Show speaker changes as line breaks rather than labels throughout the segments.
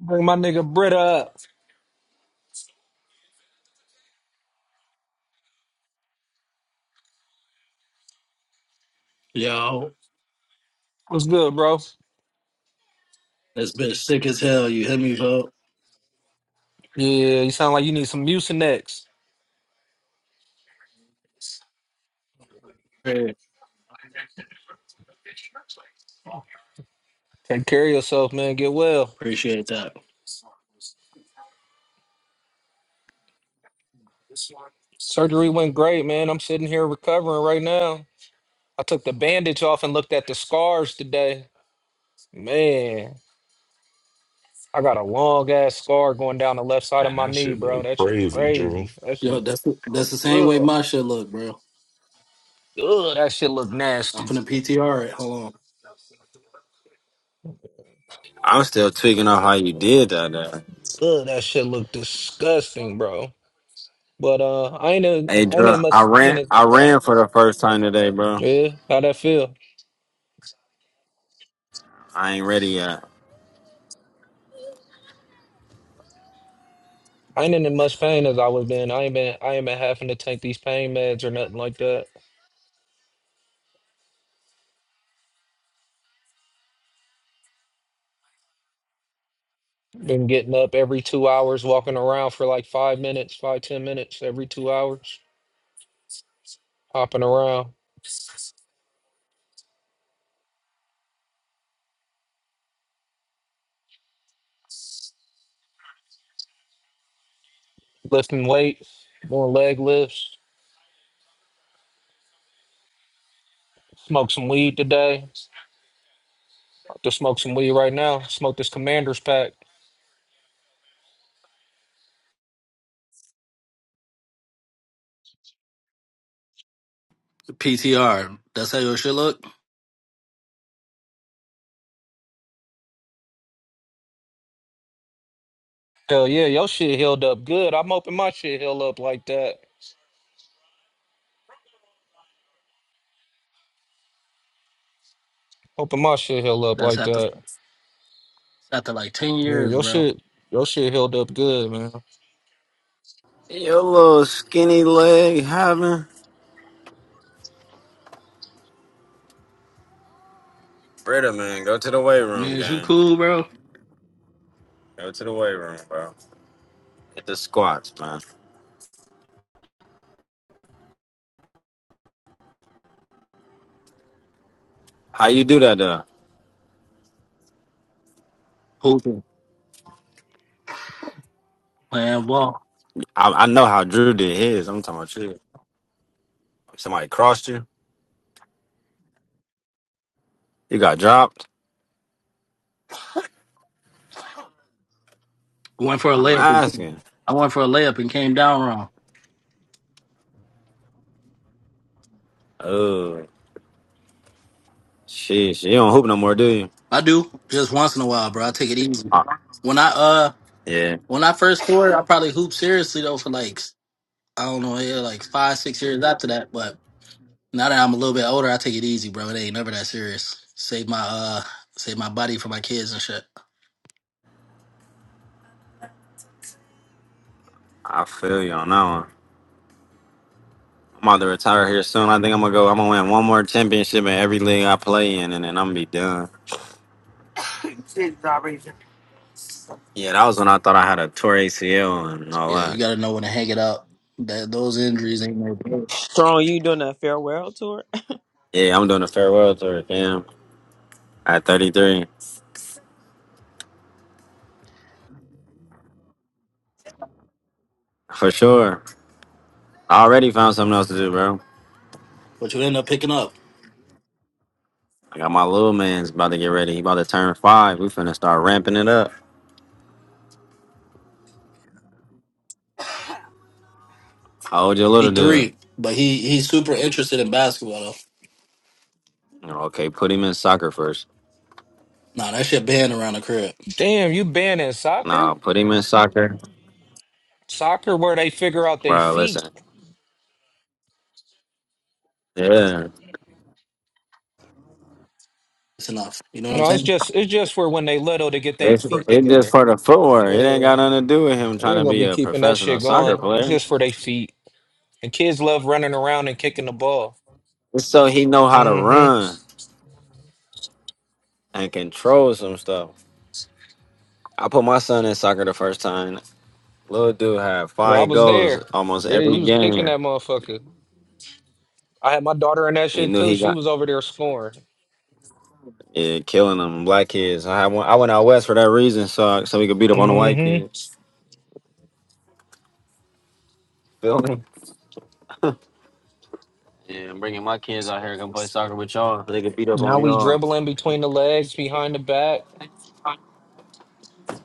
Bring my nigga Britta up.
Yo,
What's good, bro?
this bitch sick as hell. You hit me, bro.
Yeah, you sound like you need some Mucinex. Take care of yourself, man. Get well.
Appreciate that.
Surgery went great, man. I'm sitting here recovering right now. I took the bandage off and looked at the scars today. Man, I got a long ass scar going down the left side of
Man,
my
that
knee,
shit
bro.
look
That shit
crazy, Drew. Came
crazy.
from
That shit
Yo,
look
that's that's the same way
ugh.
my shit look, bro.
Ugh, that shit look
I'm
nasty.
finna PTR it. Hold on.
I'm still tweaking on how you did that. There.
Ugh, that shit look disgusting, bro. But uh, I ain't in,
Hey,
I ain't
Drew,
in much
I
pain
ran.
as I
I
was.
ran for the first time today, bro.
Yeah, how that feel?
I ain't ready yet.
I ain't in as much pain as I was been. I ain't been I ain't been having to take these pain meds or nothing like that. Been getting up every two hours, walking around for like five minutes, five, ten minutes every two hours, hopping around, lifting weights, doing leg lifts, smoke some weed today. About To smoke some weed right now. Smoke this commander's pack.
PTR. That's how your shit look?
Hell yeah, your shit healed up good. I'm hoping my shit heal up like that. Hoping my shit heal up
That's
like
after
that.
after like ten
Yeah,
years,
your
bro.
shit your shit healed up good, man.
Your little skinny leg having. Britta, man, go to the weight
Man,
room,
is you
gang.
cool, bro?
Go to the weight room, bro. Hit the squats, man. How you do that, though?
Hooping. Playing ball.
I, I know how Drew did his. I'm talking about you. Somebody crossed you. You got dropped.
Went for a
I'm
layup and came-
asking.
I went for a layup and came down wrong.
Oh, sheesh. You don't hoop no more, do you?
I do just once in a while, bro. I take it easy.
Uh,
When I uh
yeah,
when I first scored, I probably hooped seriously though for like I don't know, yeah, like five, six years after that, but Now that I'm a little bit older, I take it easy, bro. It ain't never that serious. Save my uh save my body for my kids and shit.
I feel you on that one. I'm about to retire here soon. I think I'm gonna go. I'm gonna win one more championship in every league I play in, and then I'm gonna be done. Yeah, that was when I thought I had a tour ACL and all
Yeah, you
that.
gotta know when to hang it up. That those injuries ain't no joke.
Strong, you doing a farewell tour?
Yeah, I'm doing a farewell tour, damn. At 33, for sure. I already found something else to do, bro.
But you end up picking up.
I got my little man's about to get ready. He about to turn five. We finna start ramping it up. How old your
He
little dude?
three. But he he's super interested in basketball though.
You know, Okay, put him in soccer first.
Nah, that shit banned around the crib.
Damn, you banned in soccer?
Nah, put him in soccer,
Soccer where they figure out they
bro.
feet.
Listen, yeah.
It's enough. You know what I'm
No, it's
saying?
just it's just for when they little to get their
It's,
feet
it's just
together.
for the footwork. It ain't
Yeah,
got nothing to do with him
we
trying to
ain't gonna
be
be
a
keeping that
professional
shit
soccer
going. It's
player.
just for their feet. And kids love running around and kicking the ball.
It's so he know how to
Mm-hmm.
run and control some stuff. I put my son in soccer the first time. Little dude had
Yeah, I
five
was
goals
there.
almost
Yeah, he
every
was kicking
game.
that motherfucker. I had my daughter in that
He
shit
knew
too.
he
She
got
was over there scoring.
yeah, killing them black kids. I had one, I went out west for that reason, so so we could beat up on the white
Mm-hmm.
kids. Feel me? Yeah, I'm bringing my kids out here to come play soccer with y'all. So they could beat up
Now
on
we
y'all.
dribbling between the legs, behind the back,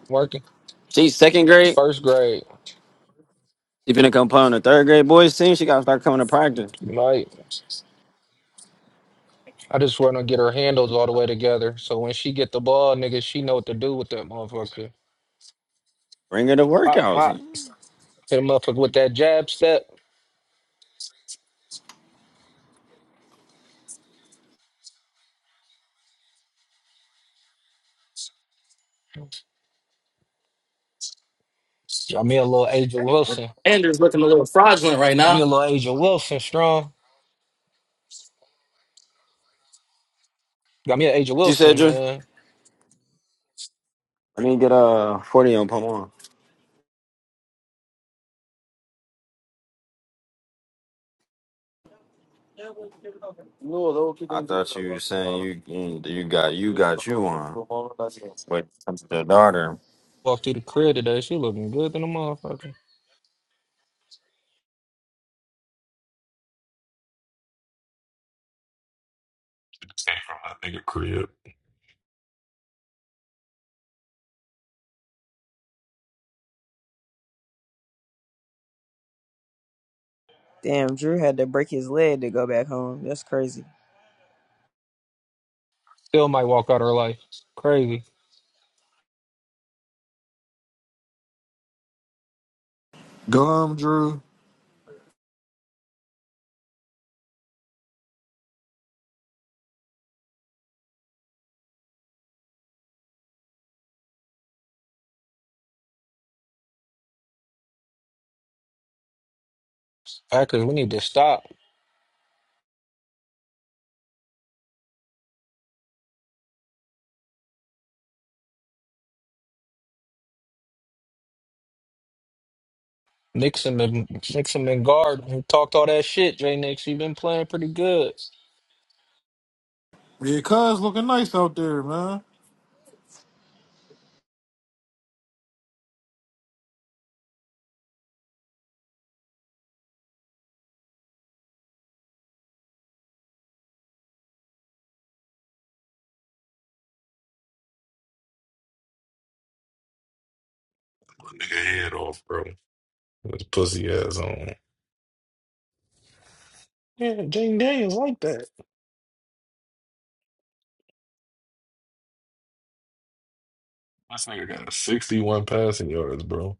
working.
She's second
It's
grade.
first grade.
She finna come play on the third grade boys team. She gotta start coming to practice.
Right. I just want to get her handles all the way together. So when she get the ball, nigga, she know what to do with that motherfucker.
Bring her to
Pop, pop.
workouts.
Hit the motherfucker with that jab step. Got me a little Agent Wilson.
Andrew's looking a little fraudulent right
Got me a
now.
little Agent Wilson strong. Got me an Agent
She said,
Wilson,
"Drew,
man.
I need to get a forty on Pomona." I thought you were saying you you got you got you on, but that's the daughter.
Walked through the crib today. She looking good than a motherfucker.
that nigga crib.
Damn, Drew had to break his leg to go back home. That's crazy.
Still might walk out her life. Crazy.
Gum, Drew.
Packers, we need to stop. Nixon and Nixon and guard. We talked all that shit, J Nix. You've been playing pretty good.
Yeah, cuz looking nice out there, man.
My nigga head off, bro. With his pussy ass on. Yeah, Jane Daniels like that. This nigga got 61 passing yards, bro.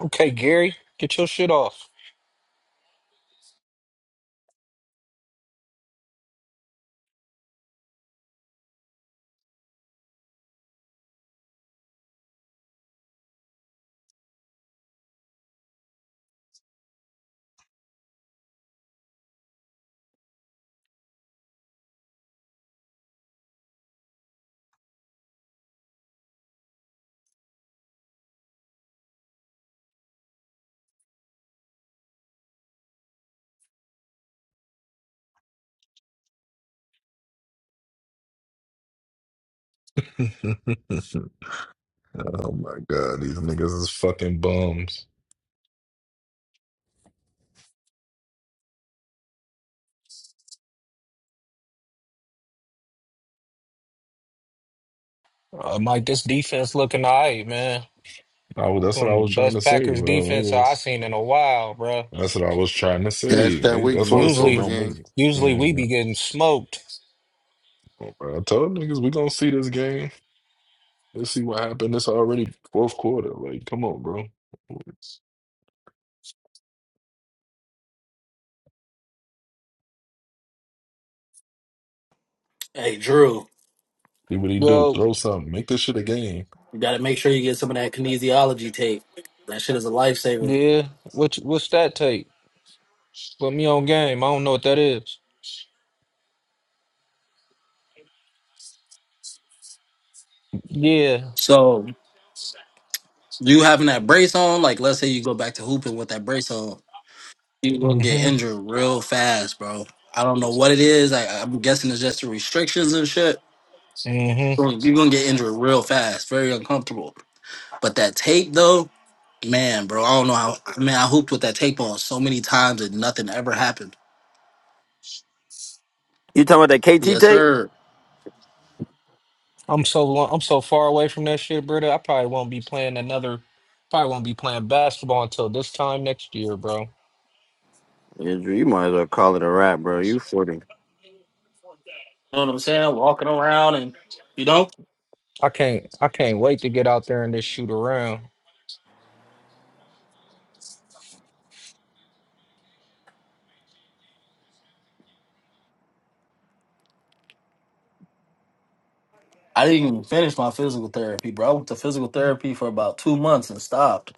Okay, Gary, get your shit off.
oh my god, these niggas is fucking bums.
Uh, Mike, this defense looking all right, man.
I, was- that's what
One
I
of the
was trying
best
to say,
Packers
bro. It
defense i
was-
seen in a while, bro.
that's what I was trying to
That's
say.
that
They,
week
that's why
for
I
us
said
over,
Usually,
don't
gang.
make it.
usually we
Man,
be getting smoked.
oh, bro, I told niggas we gonna see this game. Let's see what happened. It's already fourth quarter. Like, come on, bro.
Hey Drew,
See what he do.
Yo,
Throw something. Make this shit a game.
you gotta make sure you get some of that kinesiology tape. That shit is a lifesaver.
yeah. What what's that take? Put me on game. I don't know what that is. Yeah.
So you having that brace on, like let's say you go back to hooping with that brace on. People gonna get
hmm
injured real fast, bro. I don't know what it is. I, I'm guessing it's just the restrictions and shit.
hmm
Bro, You're gonna get injured real fast, very uncomfortable. But that tape though, man, bro, I don't know how. I mean, I hooped with that tape on so many times and nothing ever happened.
You talking about that KT
Yes,
tape?
sir.
I'm so long, I'm so far away from that shit, brother. I probably won't be playing another. Probably won't be playing basketball until this time next year, bro.
Yeah, Drew, you might as well call it a rap, bro. You forty.
You know what I'm saying? Walking around and you know,
I can't. I can't wait to get out there and just shoot around.
I didn't even finish my physical therapy, bro. I went to physical therapy for about two months and stopped.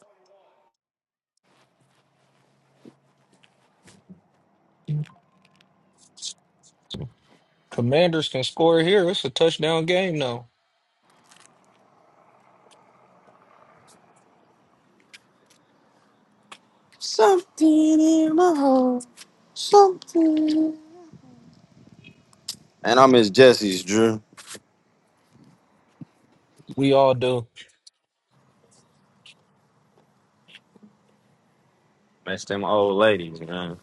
Commanders can score here. It's a touchdown game now.
Something in my heart, something. And i Miss Jesse's Drew.
We all do.
Miss them old ladies, man.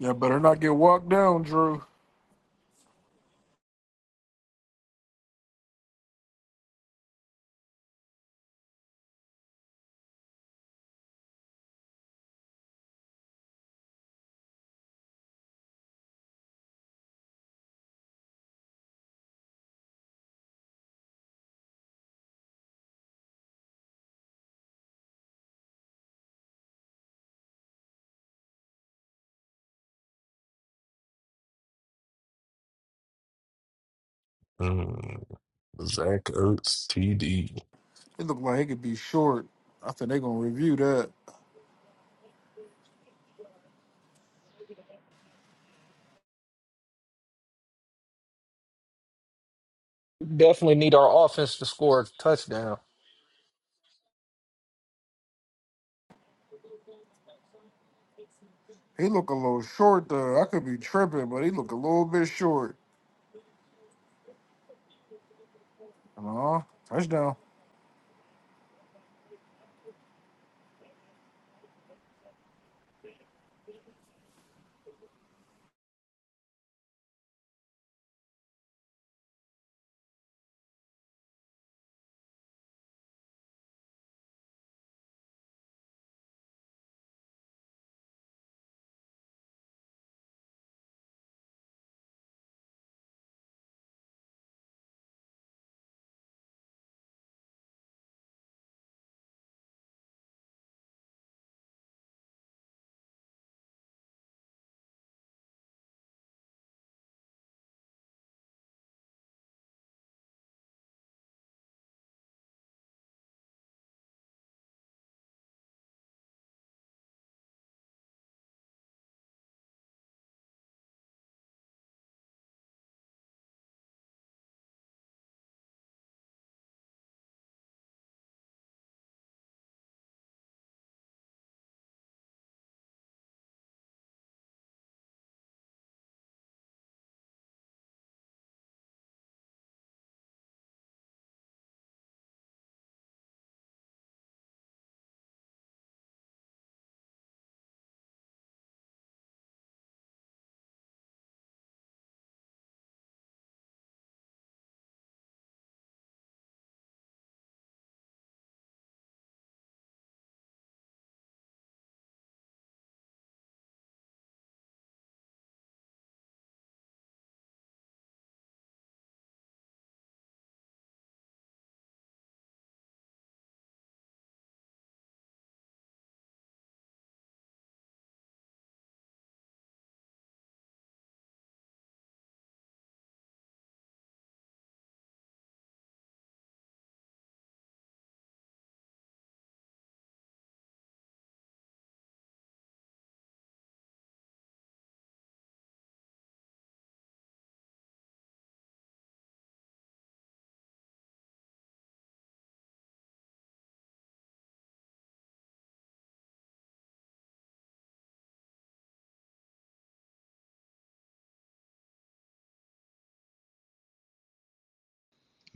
Yeah, better not get walked down, Drew.
Mm. Zach Ertz, TD.
It looked like he could be short. I think they gonna review that.
Definitely need our offense to score a touchdown.
He look a little short though. I could be tripping, but he look a little bit short. Aw, touchdown.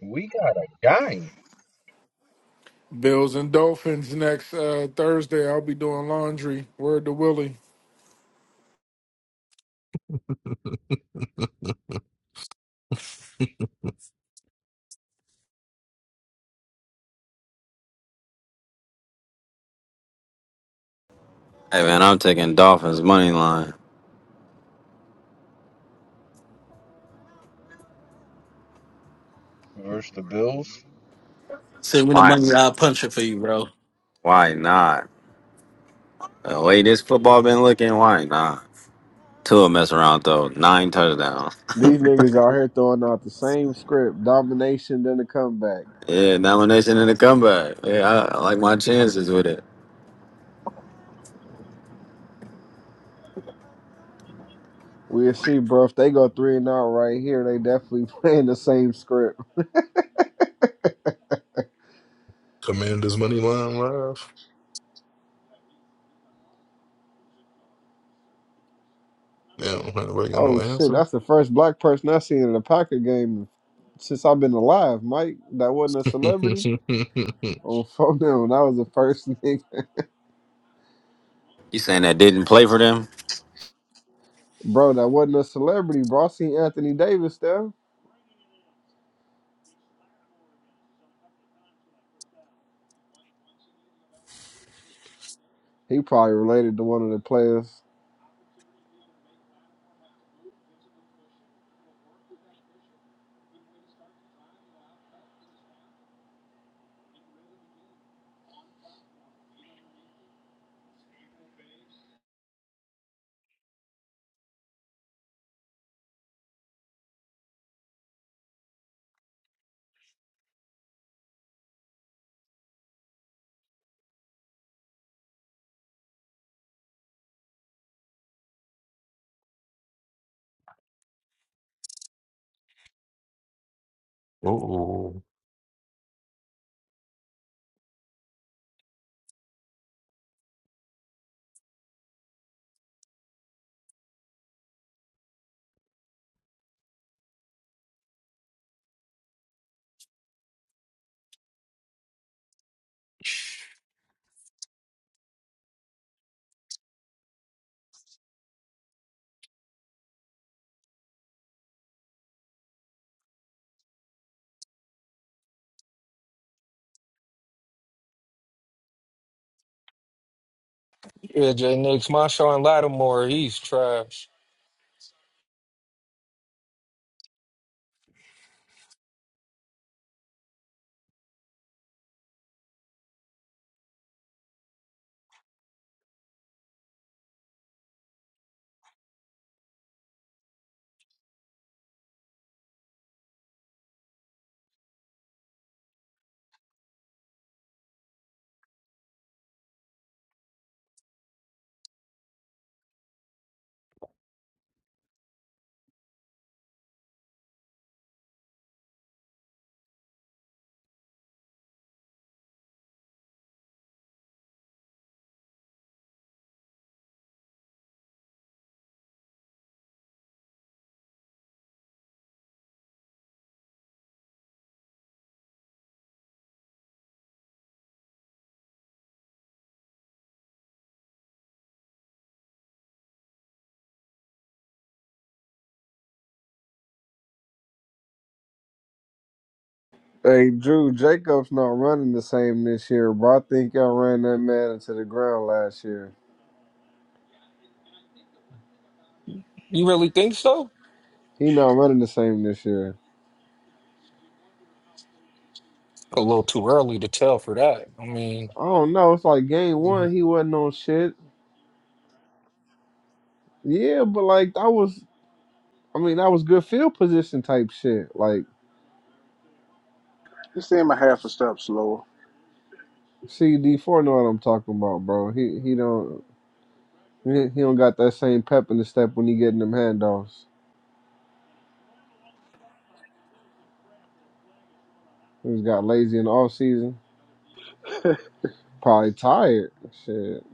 We got a giant
Bills and Dolphins next uh, Thursday. I'll be doing laundry. Word to Willie.
Hey man, I'm taking Dolphins money line.
versus the Bills.
Send me the
Why?
money, I'll punch it for you, bro.
Why not? The way this football been looking, why not? Tua mess around though. Nine touchdowns.
These niggas out here throwing out the same script, domination, then the comeback.
yeah, nomination and a comeback. Yeah, I, I like my chances with it.
We'll see, bro. If they go three and out right here, they definitely playing the same script.
Commanders money line live. Damn, nobody got
Oh
no
shit,
answer.
that's the first black person I've seen in a Packer game since I've been alive, Mike. That wasn't a celebrity. Oh fuck no, that was the first nigga.
You saying that didn't play for them?
Bro, that wasn't a celebrity, bro. I seen Anthony Davis there. He probably related to one of the players.
oh.
Yeah, Jay Nix, Marshawn Lattimore, he's trash.
Hey Drew, Jacobs not running the same this year, bro. I think y'all ran that man into the ground last year.
You really think so?
He not running the same this year.
A little too early to tell for that. I mean,
I don't know. It's like game
mm-hmm.
one, he wasn't on shit. Yeah, but like that was, I mean, that was good field position type shit. Like
Just send my half a step slower.
CD four know what I'm talking about, bro. He he don't he, he don't got that same pep in the step when he getting them handoffs. He just got lazy in the off season. Probably tired. Shit.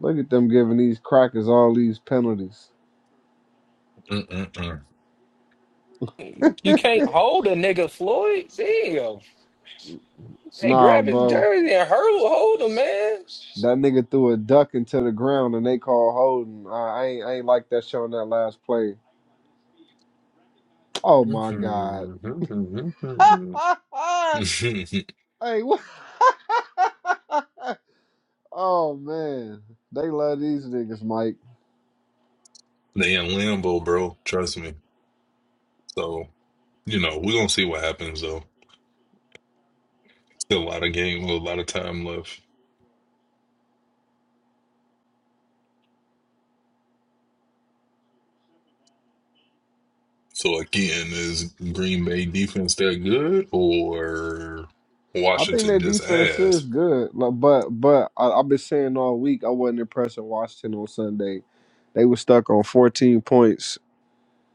Look at them giving these crackers all these penalties.
Mm-mm-mm.
you can't hold a nigga Floyd. Damn. Hey,
Nah,
grab his
bro.
jersey and hurl, hold him, man.
That nigga threw a duck into the ground and they call holding. I, I ain't I ain't like that showing that last play. Oh my God. hey, what? Oh man, they love these niggas, Mike.
they in Lambo, bro. Trust me. So you know we're gonna see what happens though. Still a lot of game, a lot of time left. So again, is Green Bay defense that good, or
I think
Washington
their
just
defense
ass?
is good, like, but but I, I've been saying all week I wasn't impressed with Washington on Sunday. They were stuck on 14 points.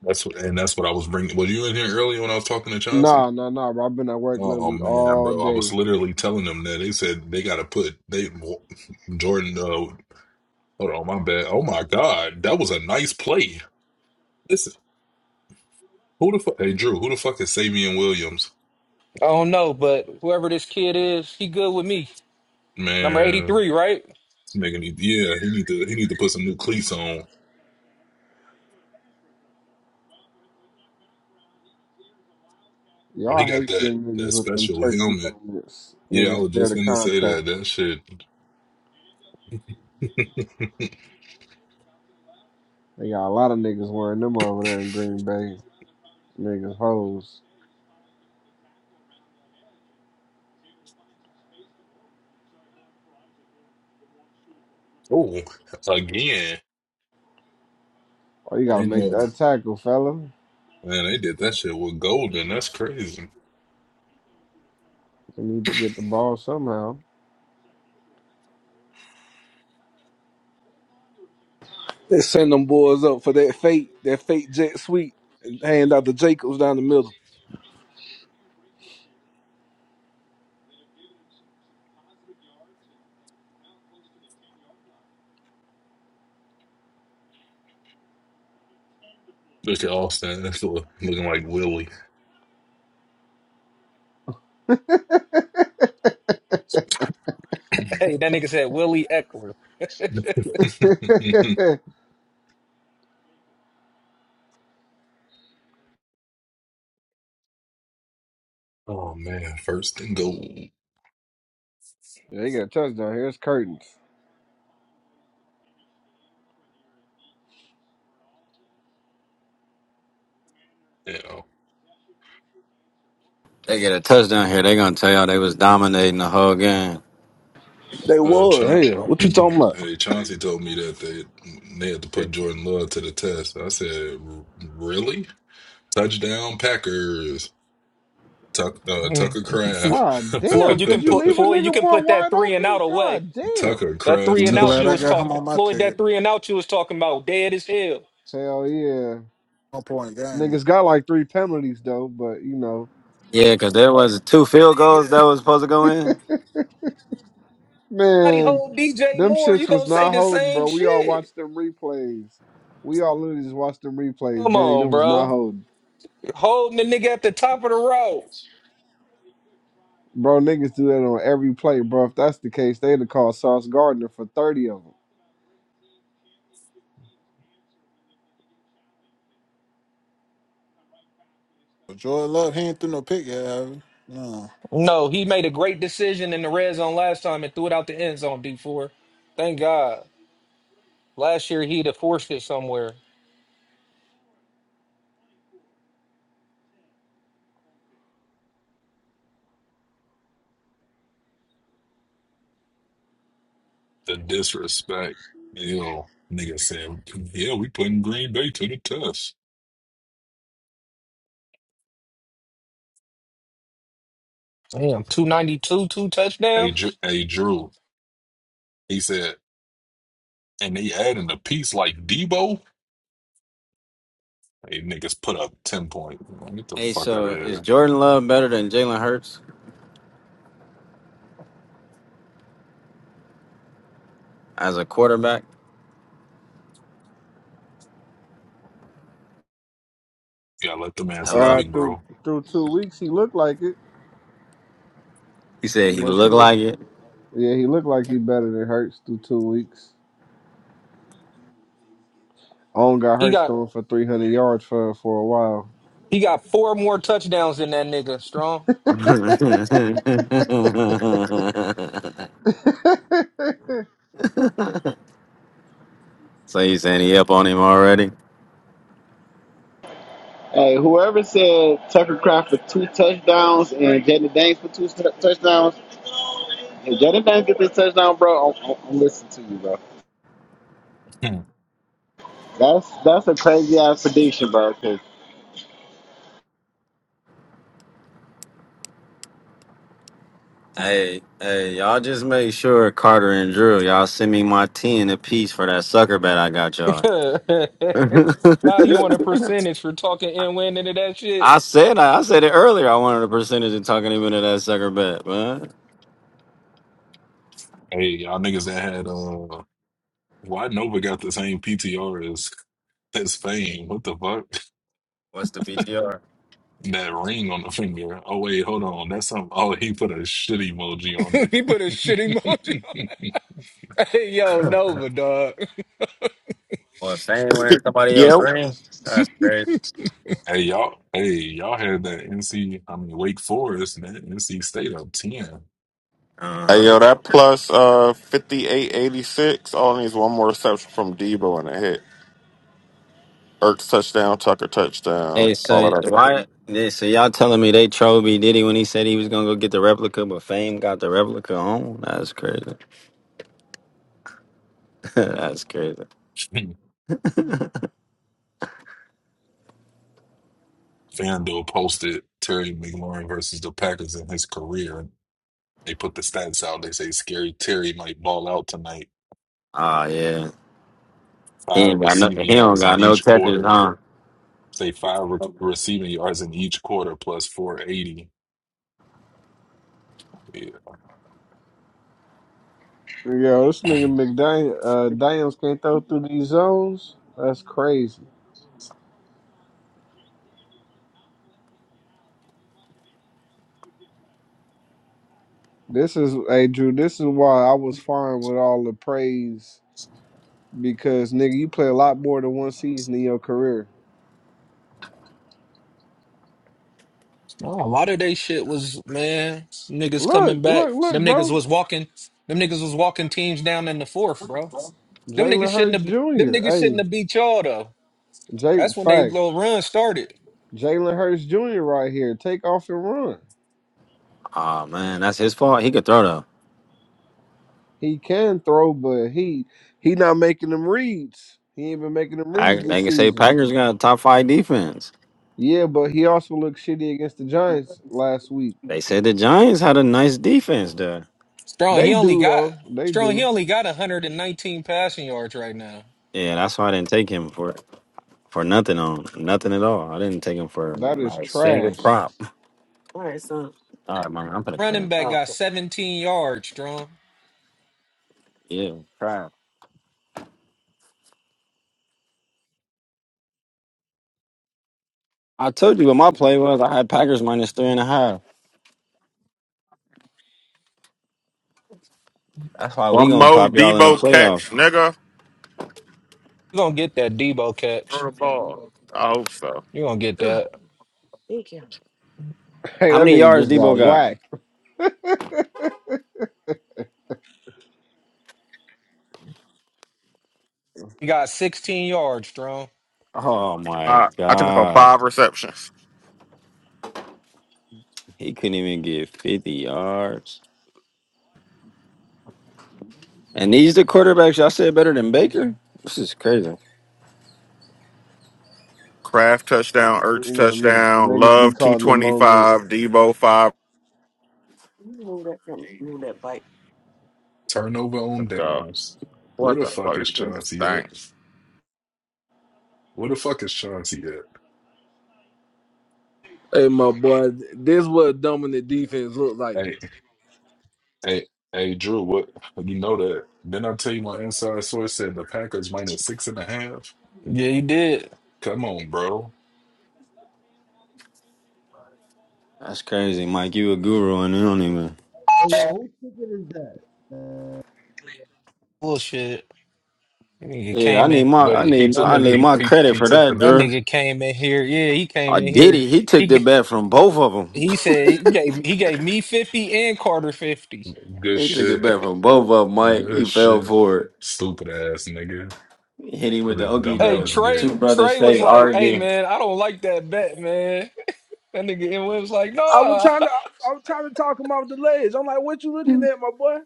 That's what, and that's what I was bringing. Was you in here earlier when I was talking to Chauncey?
Nah, nah, nah. bro. I've been at work
Oh
literally
man,
all
bro, I was
day.
literally telling them that they said they got to put they Jordan. Uh, hold on, my bad. Oh my God, that was a nice play. Listen, who the fuck? Hey Drew, who the fuck is Savion Williams?
I don't know, but whoever this kid is, he good with me. Number
Man,
83, right?
making need yeah, he need to he need to put some new cleats on. Oh, he
Y'all
got
hate
that
them
that
niggas with them
special
turkey
helmet.
helmets.
Yeah, I
Niggas
was
scared
just
of
gonna say
contact.
that. That shit.
They got a lot of niggas wearing them over there in Green Bay. Niggas hoes.
Oh, again.
Oh, you gotta
They
make
know.
that tackle, fella.
Man, they did that shit with Golden. That's crazy.
They need to get the ball somehow.
They send them boys up for that fake, that fake jet sweep, and hand out the Jacobs down the middle.
Look at Austin Eckler looking like Willie.
Hey, that nigga said Willie Eckler.
oh man, first and goal.
They got a touchdown. Here's curtains.
Yeah.
They get a touchdown here. They gonna tell y'all they was dominating the whole game.
They
Uh,
was,
Cha-
hell. What you talking about?
hey, Chauncey told me that they they had to put Jordan Love to the test. I said, "R- really? Touchdown Packers. Tuck, uh,
Mm.
Tucker
Flo-
Craft.
God
Floyd,
damn.
you can
Could you
put
leave a
Floyd, you
nigga
can
more
put that
wide
three and out
open?
away.
God damn.
Tucker
That
Craft
three
I'm
and out
glad
you
I
was
got
touchdown.
him
talking
on my
Floyd, that
ticket.
three and out you was talking about, dead as hell.
Hell yeah.
One point game.
Niggas got like three penalties though, but you know.
Yeah, cause there was two field goals that was supposed to go in.
Somebody
Man,
hold DJ
them
Moore, you
shits
gonna
was
say
not
the
holding,
same
bro. We all
shit.
watched them replays. We all literally just watched them replays,
Come
gang.
on,
Them was not
bro.
holding.
Holding the nigga at the top of the rows.
Bro, niggas do that on every play, bro. If that's the case, they'd have called Sauce Gardner for 30 of them.
But Joy Love, he ain't threw no pick yet, have he? No.
No, he made a great decision in the red zone last time and threw it out the end zone, D4. Thank God. Last year he'd have forced it somewhere.
The disrespect. You know, nigga said, yeah, we putting Green Bay to the test.
Damn, 292, two two
Hey,
touchdowns.
Drew, hey, Drew. He said, and they adding a piece like Debo. Hey, niggas put up 10 points. Man, Get the
Hey,
fuck out of
so is
here.
Jordan Love better than Jalen Hurts as a quarterback?
Yeah, let them
All
answer that,
Hello.
big
right, through,
bro.
through two weeks, he looked like it.
He said he
But you
looked like it.
know, yeah, he looked like he better than Hurts through two weeks. On got
He
Hurts
got
throwing for three hundred yards for for a while.
he got four more touchdowns than that nigga, strong.
so you saying he up on him already?
Hey, whoever said Tucker Craft for two touchdowns and Jaden Daniels for two t- touchdowns, if Jaden Daniels get this touchdown, bro, I'm, I'm, I'm listening to you, bro.
Hmm.
That's that's a crazy ass prediction, bro. Cause
Hey, hey, y'all just make sure Carter and Drew, y'all send me my ten apiece for that sucker bet I got y'all.
now you want a percentage for talking and winning to that shit.
I said I, said it earlier. I wanted a percentage of talking him into that sucker bet, man.
hey, y'all niggas that had, uh, why Nova got the same PTR as, as Fame? What the fuck?
What's the PTR?
That ring on the finger. Oh wait, hold on. That's some. Oh, he put a shit emoji on
he put a shit emoji. on.
it.
Hey, yo, Nova, dog.
Well, if they ain't wearing somebody else
Yep.
ring, that's great.
hey y'all. Hey y'all had that NC. I mean Wake Forest. That NC State up ten.
Hey,
Uh huh.
yo, that plus uh, 5886 all needs one more reception from Debo and a hit. Ertz touchdown, Tucker touchdown,
Hey,
all
so
of that. shit.
why? Yeah, so y'all telling me they trolled me Diddy when he said he was gonna go get the replica, but Fame got the replica on? That's crazy. that's crazy.
FanDuel posted Terry McLaurin versus the Packers in his career. They put the stats out. They say scary Terry might ball out tonight.
Ah, yeah. He
Five
ain't got no.
receiving
He don't
yards in
got no
each
touches,
quarter.
huh?
Say five re- receiving yards in each quarter plus 480.
Yo, this nigga McDaniel uh, Daniels can't throw through these zones. That's crazy. This is hey Drew. This is why I was fine with all the praise because nigga, you play a lot more than one season in your career.
Oh, a lot of they shit was man, niggas
Look,
coming back.
look, look,
Them niggas
bro.
was walking. Them niggas was walking teams down in the fourth, bro. Them niggas
Jalen
shouldn't
Hurts
have. Them
Jr.
niggas shouldn't
Hey,
have beat y'all though.
Jay,
That's when they
fact.
little run started.
Jalen Hurts Jr. right here. Take off and run.
Oh man, that's his fault. He could throw though.
He can throw, but he he not making them reads. He ain't been making them
I,
reads
they
this
can say
season.
Packers got a top five defense.
Yeah, but he also looked shitty against the Giants last week.
They said the Giants had a nice defense though.
Strong, he
They
only
do
got
though. They
strong. He
do.
only got 119 passing yards right now.
Yeah, that's why I didn't take him for for nothing on nothing at all. I didn't take him for
That is
not a single
trash.
prop. All right, man, I'm gonna
Running
win.
back got 17 yards. Strong,
Yeah, crap. I told you what my play was. I had Packers minus three and a half. That's why we
One
gonna
more
pop y'all in the
Debo
playoffs.
catch, nigga.
you gonna get that Debo catch.
Throw the ball. I hope so.
You gonna get that.
Hey,
How
that
many
nigga
yards
just
Debo
got
got?
whacked.
He got 16 yards. Strong.
Oh my
I, I took it for
gosh,
five receptions.
he couldn't even get fifty yards. And these the quarterbacks y'all said better than Baker? This is crazy.
Kraft touchdown, Ertz
You know, nigga,
touchdown,
niggas be
Love
caught in the moment.
225, Debo 5.
Turnover on
Let's go.
downs. Where
What
the
the
fuck
fuck?
is
This nigga's
Chauncey at?
thing.
Where the fuck is Chauncey at?
Hey, my boy, this what dominant defense look like.
Hey, hey, hey, Drew, what you know that? Then I tell you my inside source said the Packers minus six and a half.
Yeah, he did.
Come on, bro.
That's crazy, Mike. You a guru and you don't even
Yo, who ticket is that?
Bullshit. That nigga
Yeah, I
came
need
in.
my I
Wait, he
need
That
I
took the,
need
nigga.
he
my
he
credit
he
for
took the
that,
That
bet.
Drew.
nigga came in here. Yeah, he came
I
in
did
here.
it. He
He
took the
g-
bet from both of them.
he said he gave he gave me fifty and Carter fifty.
Good
he took the
Just,
shit.
bet from both of them, Mike. He
Good
fell
shit.
for it.
Stupid ass nigga.
Hit him with
What
the
a
okey
dumb
hey
ass
doke.
get.
Trey.
Two brothers
Trey was
fake
like, "Hey
argue.
man, I don't like that bet, man." That nigga and was like,
I was
"Nah,"
trying to I I was trying to talk him off the ledge. I'm like, what you looking at, my boy?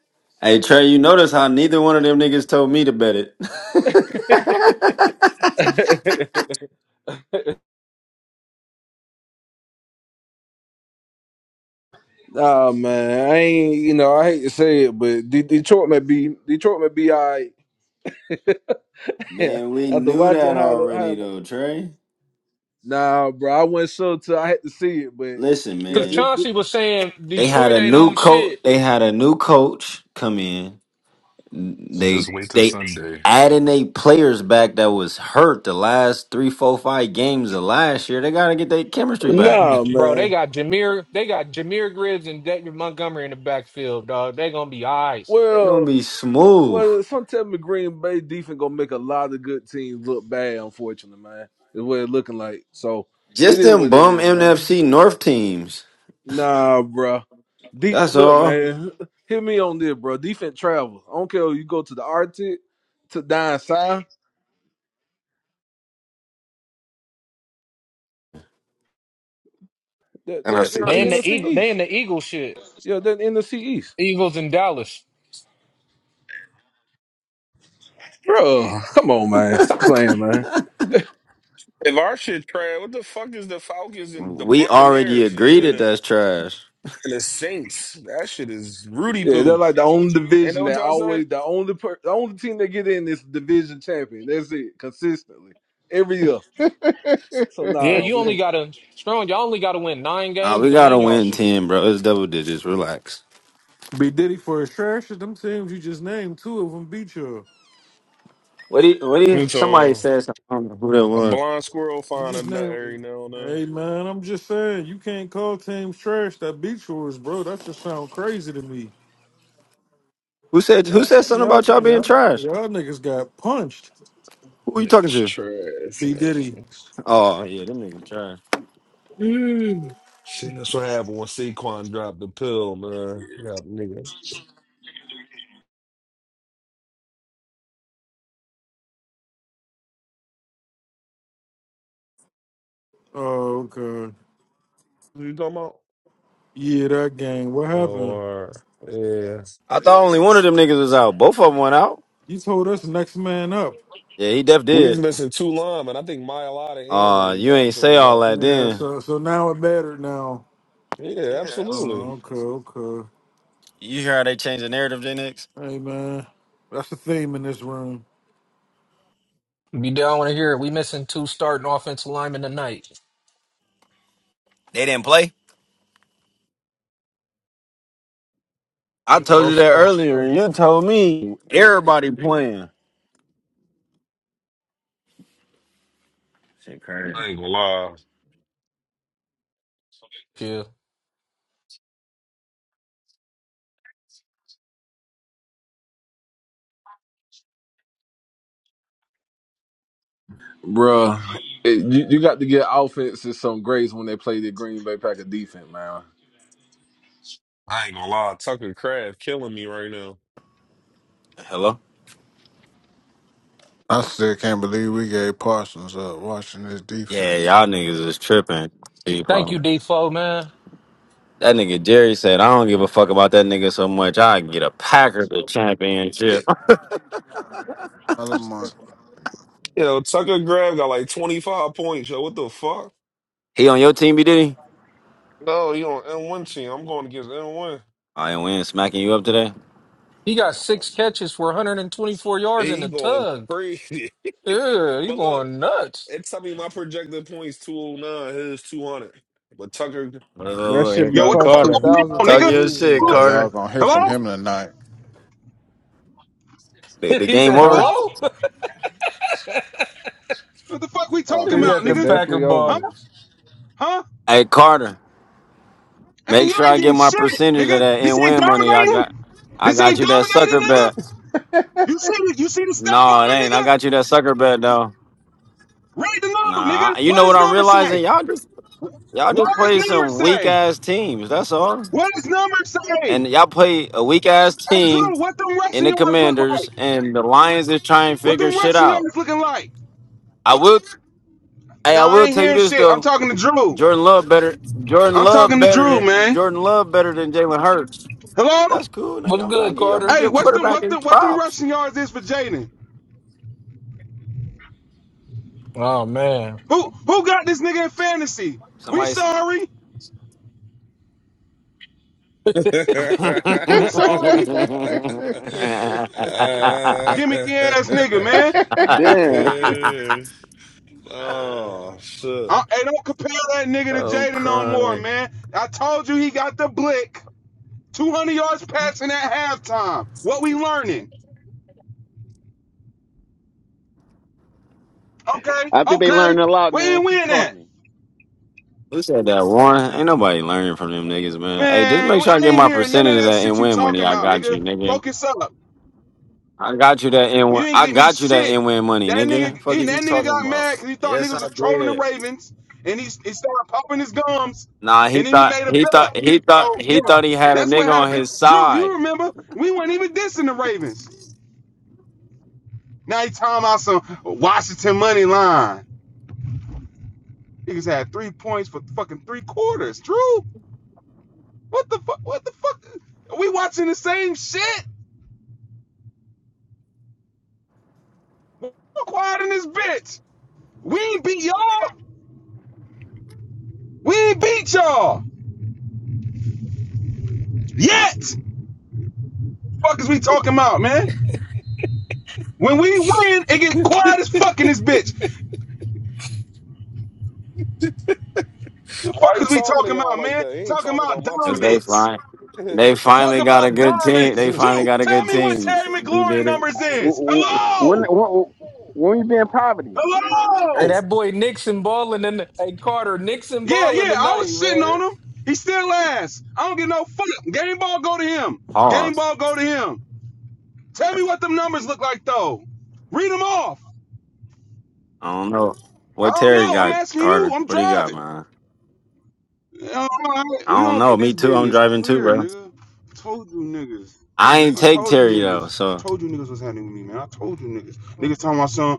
Hey Trey, you notice how neither one of them niggas told me to bet it.
Nah, man, I ain't. You know, I hate to say it, but De- Detroit may be Detroit may be all right. Yeah,
man, we
after
knew
watching
that
how, the-
already
how
though, Trey.
nah, bro, I wasn't sure till I had to see it, but
Listen,
yeah,
because
this,
man.
this-
Chauncey was saying
They had
Detroit
a
ain't
new
on
coach.
shit,
They had a new coach come in.
Just
They
wait till
they
Sunday.
adding they players back that was hurt the last three, four, five games of last year. They gotta get their chemistry back.
nah,
bro. They
man.
got Jameer. They got Jameer Gibbs and David Montgomery in the backfield, dog. They gonna be eyes.
They're gonna
Well,
be smooth.
well, sometime the Green Bay defense gonna make a lot of good teams look bad. Unfortunately, man, is what it looking like. So it
Just
is
them
what it
bum
is, man.
NFC North teams.
Nah, bro, Deep,
That's
look,
all.
man. Hit me on this, bro. Defense travels. I don't care if you go to the Arctic, to down south, the
And I see.
the, the
They in the
NFC
eagle. They in
East.
the Eagle shit.
Yeah, the NFC East.
Eagles in Dallas.
Bro, come on, man. Stop playing, man.
If our shit trash, what the fuck is the Falcons and the
We already
Buccaneers and
agreed
and,
that
the-
that's trash.
and the Saints? That shit is Rudy
Yeah, they're
poo.
like the only
Ain't that
division
what
that
y'all say?
always the only per, the only team that get in is division champion. That's it, consistently every year. So
Yeah,
nah,
you
we,
only gotta Strong, y'all only gotta win nine
Ah,
games
we
to
gotta
win y'all
win
shit.
ten, bro. It's double digits. Relax.
Be Diddy for his trash. Them teams you just named, two of them beat you.
What do you, what do you,
It's on
who that
a
one?
blind squirrel
You
find a
just
nut every
name.
now and then.
Hey man, I'm just saying you can't call teams trash that beat yours, bro. That just sound crazy to me.
Who said who
Y'all,
said something about
y'all,
y'all being
y'all,
trash?
y'all niggas got punched.
Who are you talking
Niggas
to?
trash,
B Diddy.
man.
Oh yeah, them niggas trash.
Mm. See, that's what happened when Saquon dropped the pill, man. Yeah, niggas.
Oh god.
What you talking about?
Yeah, that game. What
Oh,
happened?
all right. yeah.
I thought only one of them niggas was out. Both of them went out.
You told us next man up.
Yeah, he def
We was
did.
missing two linemen. I think Myalata and
Uh,
Lane
you ain't
Johnson
say
was
all
on.
that
Yeah,
then.
so so now it mattered now.
Yeah, absolutely.
Oh, okay, okay.
You hear how they change the narrative, then X?
Hey man. That's the theme in this room.
Be down want to hear it. We missing two starting offensive linemen tonight.
They didn't play. I told
Both
you that
starters.
earlier, and you told me everybody playing. Shit, crazy.
I ain't gonna lie.
Yeah.
Bruh, it, you, you got to get offenses some grace when they play the Green Bay Packers defense, man.
I ain't gonna lie. Tucker Craft killing me right now.
Hello.
I still can't believe we gave Parsons up watching his
Yeah,
defense.
y'all niggas is tripping.
Thank you,
People.
Defoe, man.
That nigga Jerry said, I don't give a fuck about that nigga so much. I can get a Packer the championship.
It,
Another month.
yo, Tucker Craft got like 25 points, yo. What the fuck?
He on your team, B Diddy?
No, he on N1 team. I'm going against N1.
I ain't we ain't smacking you up today.
He got six catches for 124 yards in
He
the
going
tug.
crazy.
Yeah, he
But look.
going nuts.
It's I mean my projected points two oh nine, his two hundred. But Tucker
That
Oh,
should
here
be
Yo,
come
what the
plus two
fuck
Carter.
going
thousand
on,
Talk
for a
nigga?
your
reason.
shit,
What?
Oh, y'all
Carter.
gonna hear from
Hello?
him tonight.
The, the
he
game
said,
over.
Hello?
hello?
What the fuck we
Oh,
talking
he
This
about,
had the
shit
nigga?
Packer
definitely
bar.
Huh?
over.
Huh?
Hey, Carter,
Hey,
make
you
sure
ain't
I get
getting
my
shit,
percentage of
nigga.
that
This
and
ain't
win money. I got,
dominating.
I
This
got
ain't
you that
dominating,
sucker bet.
nigga. You see the you see the stat
No, it
line,
ain't. I
nigga?
got you that sucker bet though.
Read the number,
Nah,
nigga.
I- you
What
know what
does
I'm
number
realizing?
say?
Y'all just, y'all
What
just
does
play
number
some weak
say?
ass teams. That's all.
What does number
And
say?
y'all play a weak ass
Hey,
team
Drew, what them
in
Russian
the
yards look
Commanders,
like?
and the Lions is trying to
What
figure
them
shit
Russian
out.
yards looking like?
I will, hey,
Nah,
I
I
will
ain't
tell you
hearing
this
shit. I'm
though.
talking to Drew.
Jordan Love better. Jordan
I'm
Love
talking to
better
Drew,
than
man.
Jordan Love better than Jalen Hurts.
Hello?
That's cool,
What's
nigga. I'm trying
good,
to get your,
Carter?
Hey,
your
what's them
quarterback
what
his
them what them
props.
rushing yards is for Jaden?
Oh man.
Who who got this nigga in fantasy? We
Somebody's.
sorry.
I'm
We sorry. Gimmick ass nigga, man.
damn,
Oh
I,
shit.
hey, don't compare that nigga to Jaden no more,
crying.
man. I told you he got the blick. 200 yards passing at halftime. What we learning? Okay,
I think they
okay.
learned a lot,
Where
man.
you
Keep
win at?
talking.
Who said that? Warren. Ain't nobody learning from them niggas, man.
Uh,
Hey, just make
Man,
sure I
I
get
ain't
my
hearing none
percentage
of
of
that
that
shit
and
you
win money.
talking
I
about,
got you,
nigga.
nigga.
Focus up.
I got you that
You
in.
didn't
I
get me
got you that
shit.
in win money,
That nigga,
nigga. Fuck
he,
is you
that nigga
talking
got mad
about?
because he thought
Yes,
niggas
I
was trolling the
did.
Ravens, and he, he started popping his gums,
Nah, he
and then he
thought
made a
he
bet.
thought he thought
So
he
yeah,
thought he had a
that's what
nigga on
happened.
his
Drew,
side.
you remember we weren't even dissing the Ravens. Now he talking about some Washington money line. Niggas had three points for fucking three quarters. Drew, what the fuck? What the fuck? Are we watching the same shit? We're quiet in this bitch. We ain't beat y'all. We ain't beat y'all yet. fuck is we talking about, man? When we win, it get quiet as fuck in this bitch. What The
Why
fuck
he
is we
talking to
talking
y'all
about,
like
man?
that? He ain't
Talking
talking
about
about my
Cause
team.
they
dominance.
fine. They
Talk
finally got a
about
good team.
dominance.
They finally
Drew,
got a
tell
good
me what
team.
Terry
We
McLaurin
did it.
numbers
W-
is.
w- When
Hello?
when when you be in poverty?
Hey,
Hello?
that boy Nixon balling in the, hey Carter, Nixon
Yeah,
balling
yeah, I was
tonight,
sitting on
man.
him. He still ass. I don't give no fuck. Game ball go to him. Game
Pause.
ball go to him. Tell me what them numbers look like though. Read them off.
I don't know.
I
What
don't
Terry
know. I'm
got,
asking you.
Carter?
I'm
What do you got,
driving.
man?
Yeah, All right.
I
We
don't
gonna
know.
get
Me
this
too. I'm
business
driving too,
clear,
bro.
nigga. I told you niggas.
I ain't
I
take
told you
Terry though.
niggas. I
So
told you niggas what's happening with me, man. I told you niggas. Niggas telling my son,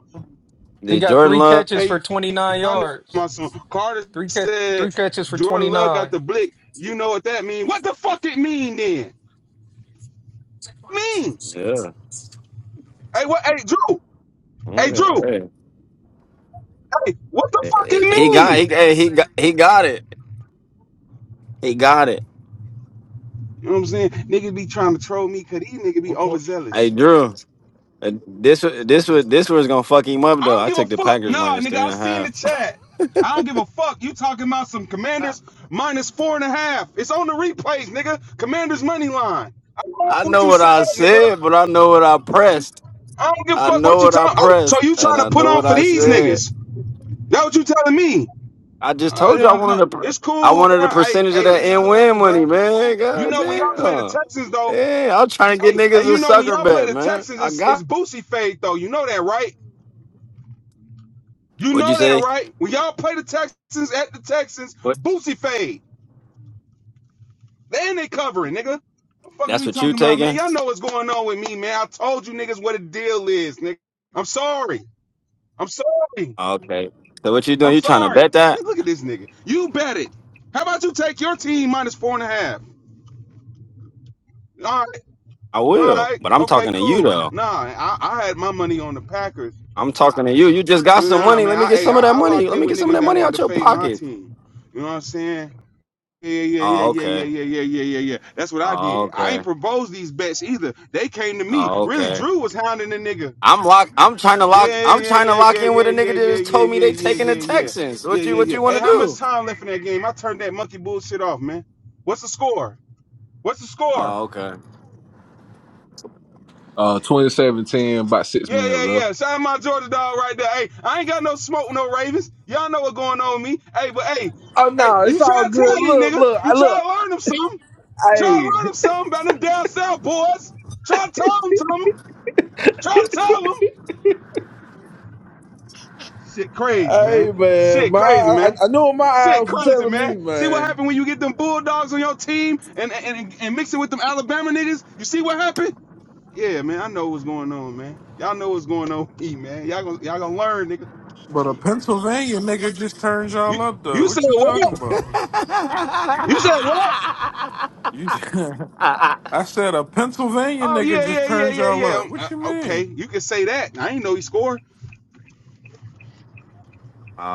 He
did
got
Jordan
three
Love?
catches for
hey,
29
I know
yards.
my son. Carter
Three catch, three
said
catches for twenty
Jordan Love got
nine.
the blick. You know what that mean? What the fuck it mean then? Mean?
Yeah.
Hey, what? Hey, Drew. Hey,
Yeah,
Drew.
hey.
Hey, what the fuck
hey.
it
He got he,
mean?
hey, he got he got it. He got it.
You know what I'm saying? Niggas be trying to troll me because these niggas be
What, what,
Hey
overzealous.
Drew. uh, This wa- this was this was gonna fuck him up
I
though.
don't
I
give a
took the
fuck.
Packers
Nah,
minus three
nigga,
and
I
a
seen
half.
the chat. I don't give a fuck. You talking about some commanders
I
minus four and a half. It's on the replays, nigga. Commanders money line. I don't know what
know
you
what
said,
I
nigga.
said, but I know what I pressed.
I don't give a
I
fuck
know
what you
what I
talking. Oh, so
pressed,
you
and
trying to
I
put
know
on
what
for
I
these
said.
niggas? That what you telling me?
I just
Uh,
told you I
yeah, no,
wanted a, per-
it's
I
cool,
wanted
bro.
a
Hey,
percentage of
hey,
that
it's
and win
cool,
money,
bro.
man.
You
God
know when y'all play the
damn.
Texans though.
Yeah, I'm trying to get
Hey, hey,
niggas a
you know when
sucker
y'all play
bet,
the
man.
Texans,
I
it's it's
got.
Boosie fade though. You know that, right? You
What'd you
know that,
say?
right? When y'all play the Texans at the Texans,
What?
Boosie fade. Then they covering, nigga. What The fuck are
That's
we
what you
talking about, man?
taking?
Y'all know what's going on with me, man. I told you niggas what the deal is, nigga. I'm sorry. I'm sorry.
Okay. So what you doing?
I'm
You trying to
sorry.
bet
Hey, nigga,
that?
look at this nigga. You bet it. How about you take your team minus four and a half? All right.
I
All
will,
right.
but I'm
Okay,
talking to you
cool.
though.
Nah, I, I had my money on the Packers.
I'm talking to you. You just got some
Nah,
money.
man.
Let me
I,
get
hey,
some of that
I, I
money.
locked
Let
in
me
with
get some of
niggas
that
that
money out
wanted to
your
fade my
pocket.
team. You know what I'm saying? Yeah, yeah, yeah,
Oh,
yeah, yeah,
okay.
yeah, yeah, yeah, yeah, yeah. That's what I
Oh,
did. I
okay.
ain't proposed these bets either. They came to me.
Oh,
Really,
okay.
Drew was hounding the nigga.
I'm lock. I'm trying to lock.
Yeah,
I'm
yeah,
trying to
yeah,
lock
yeah,
in with
yeah,
a nigga
yeah,
that
yeah,
just
yeah, yeah,
told me they
yeah,
taking the
yeah, yeah.
Texans.
Yeah,
What you
yeah,
What
yeah.
you want
Hey,
to
how much
do?
time left in that game? I turned that monkey bullshit off, man. What's the score? What's the score?
Oh, okay.
Uh, 27 ten, about six
Yeah,
minutes
yeah,
left.
yeah. Shout out my Georgia dog right there. Hey, I ain't got no smoke with no Ravens. Y'all know what's going on with me. Hey, but hey,
oh
hey,
no, it's
you
all
try to
good.
tell these
Look,
nigga.
look, I
You try
look.
to learn them something. Try to
Hey,
learn them something about them down south boys. Try to tell them to them. Try to tell them. Shit crazy,
hey,
man.
man,
Shit
my
crazy,
I,
man.
I know what my
Shit
eyes were
crazy,
telling me,
man. See what
man.
happened when you get them Bulldogs on your team and, and, and, and mix it with them Alabama niggas? You see what happened? Yeah, man, I know what's going on, man. Y'all know what's going on with me, man. Y'all gonna, y'all gonna learn, nigga.
but a Pennsylvania nigga just turns
You
y'all up though.
you said
What you
what?
talking about?
You said what?
You I said a Pennsylvania
Oh,
nigga
yeah,
just
yeah, yeah,
turned
yeah,
y'all
yeah.
up.
Um,
What you
uh, okay,
mean?
you can say that. I ain't know he scored.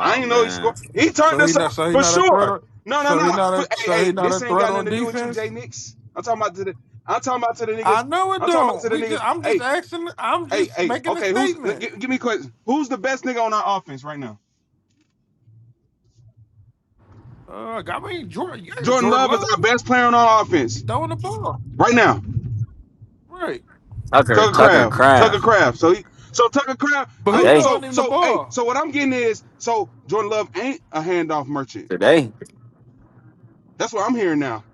I ain't know he
man,
scored. He turned
So he
us up
not so he
for
not a threat
sure.
on
No, no,
so
no.
he not
For,
a
hey,
so he
hey,
not a
this ain't
threat
got nothing
on
to do with you, Jay
defense?
Nix. I'm talking about to the. I'm talking about to the
I
niggas.
know it
I'm talking about to
don't. We
the niggas.
just I'm just
Hey,
asking I'm
hey,
just
hey.
making a
Okay, who's? gi-
statement.
give me a question. Who's the best nigga on our offense right now?
Uh I mean Jordan yeah,
Jordan
Jordan
Love is our
Love.
best player on our
He
offense
throwing the ball.
right now.
Right.
Tucker
Tucker
Tucker
Craft. Tucker
Craft
Craft. So he. So Tucker Craft.
But who
Hey.
today
throwing
So
him the
so hey.
ball?
So what I'm getting is so Jordan Love ain't a handoff merchant.
today.
That's what I'm hearing now.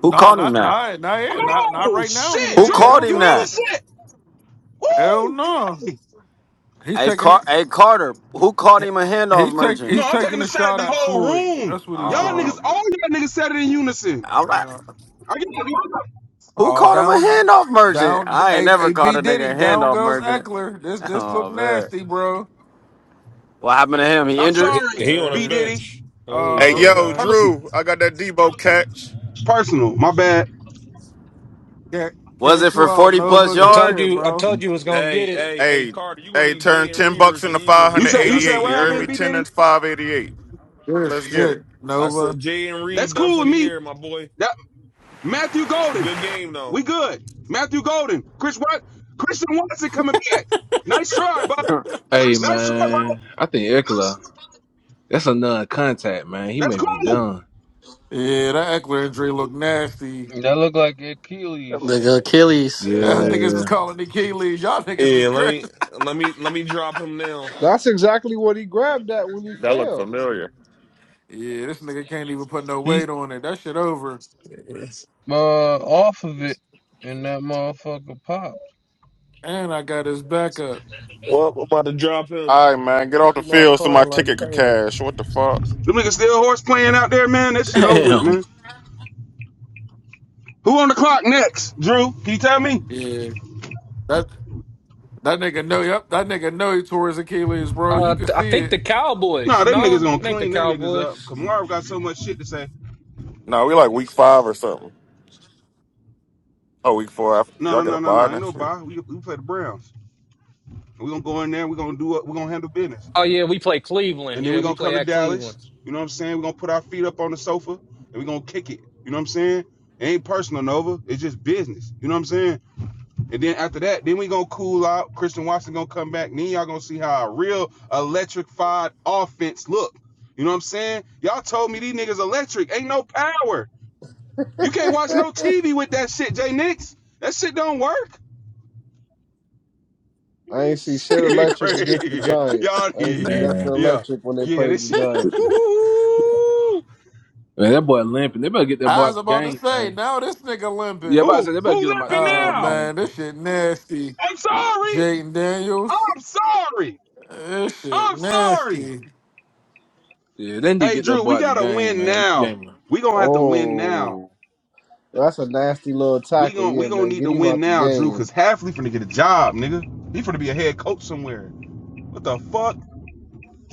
Who
No,
called him
not
that?
not not yet. Not not
Oh
right now. He
shit,
Who
ain't.
Drew!
called
Hell
You
him
hear
that?
no.
this shit?
Hell
Woo!
no.
Hey,
He's
Hey
taking
Car Hey Carter. Who called him a handoff
he's take
merchant?
No,
he's
I'm taking
taking
the
a
shot at
shot
the
at
whole
Floyd.
room.
That's what he's
Y'all
Oh,
niggas,
doing.
all
man.
y'all niggas said it in unison.
all right.
No.
I get
Who
Oh,
called him a
down,
handoff merchant?
down,
I ain't
a,
never
a
called
B
a nigga
Diddy,
a
down
handoff
goes
merchant.
Eckler. This this
Oh
look
man,
nasty, bro.
what happened to him? He
I'm
injured.
he,
sorry,
he on the
B
Yeah.
Diddy.
bench. I ain't
Hey,
Oh,
tripping.
It's
yo,
okay.
personal.
Drew, I got that Debo catch.
It's personal. My bad.
Ca-
Was it
Cash you
for
out,
forty plus
Nova.
I
Good
told
yards?
shit,
you, I
bro.
told you was gonna get
Hey,
it.
hey, hey,
Hey,
Carter, you gonna
hey,
need
turn
Jay and
ten
Reavers
bucks
the
into five
Eagles, and
You
hundred
he
said you
done
said
for
eighty-eight.
the
what
You heard me?
happened,
year.
B
Ten
Diddy?
into five eighty-eight.
Good
Let's get
shit,
it.
I
Nova.
said Jay and
That's
Reed done
cool
for
with
the
me.
year, my boy.
That Matthew Golden.
Good game though.
We good. Matthew Golden. Chris what? Christian Watson coming back. Nice try, bro.
Hey,
Nice try, bro.
man, I think Eckler, that's a non-contact, man. He
That's
may be
cool.
done.
Yeah, that Eckler injury look nasty.
That look like Achilles.
The Achilles.
Yeah,
yeah.
niggas is
Yeah,
calling the Achilles. Y'all niggas is
Yeah, let
crazy.
me let me let me drop him now.
That's exactly what he grabbed at when he
That look
fell.
familiar.
Yeah, this nigga can't even put no weight
He's
on it. That shit over.
uh off of it, and that motherfucker pop.
And I got his backup.
Well, I'm about to drop him.
All right, man,
At
get
least
off
he
the
not
field so my
crying
ticket
like
could
Tatum.
cash. What the fuck?
Them niggas still horse playing out there, man. That shit over with,
Damn.
man. Who on the clock next? Drew, can you tell me?
Yeah, that that nigga know. Yep, that nigga know he tore his Achilles, bro. You
Uh,
can
I
see
think
it.
the
Nah,
Cowboys.
them niggas
No,
gonna
I think the
clean them niggas up.
Cowboys.
Kamara got so much shit to say.
Nah, we like week five or something. Oh, week four. After. Y'all
No, no,
get a
no, no,
buy
no. Ain't
next
no
week.
bye. We, we play the Browns. We gonna go in there. We gonna do what we gonna handle business.
Oh yeah, we play Cleveland.
And then
Yeah,
we
we
gonna come
play
to
at Cleveland.
Dallas. You know what I'm saying? We gonna put our feet up on the sofa and we gonna kick it. You know what I'm saying? It ain't personal, Nova. It's just business. You know what I'm saying? And then after that, then we gonna cool out. Christian Watson gonna come back. And Then y'all gonna see how a real electrified offense look. You know what I'm saying? Y'all told me these niggas electric. Ain't no power. You can't watch no TV with that shit, Jay Nix. That shit don't work.
I ain't see shit
Shit
electric against the
crazy.
Giants.
Y'all
I ain't see
yeah.
nothing
man.
Yeah.
electric when they
Yeah,
played
this
the
shit.
Giants.
Ooh.
Man, that boy limping. They better get that boy
I was
out the
about to
game,
say,
man.
now this nigga
Yeah,
limping.
about to
Who
say they better get
who
him out the
lipping
Oh
game,
now?
man.
man, this shit nasty.
I'm sorry.
Jaden Daniels.
I'm sorry.
This shit
I'm sorry.
nasty.
Yeah, they need to
Hey
get that
Drew,
boy
we
out the
gotta
game,
win
man. This
now.
game.
We gonna have to win now.
Oh, that's a nasty little
We
tackle.
gonna we
Yeah,
gonna
man,
need
get
to
him
win
out the
now, Drew,
game.
cause Halfley finna get a job, nigga. He finna be a head coach somewhere. What the fuck?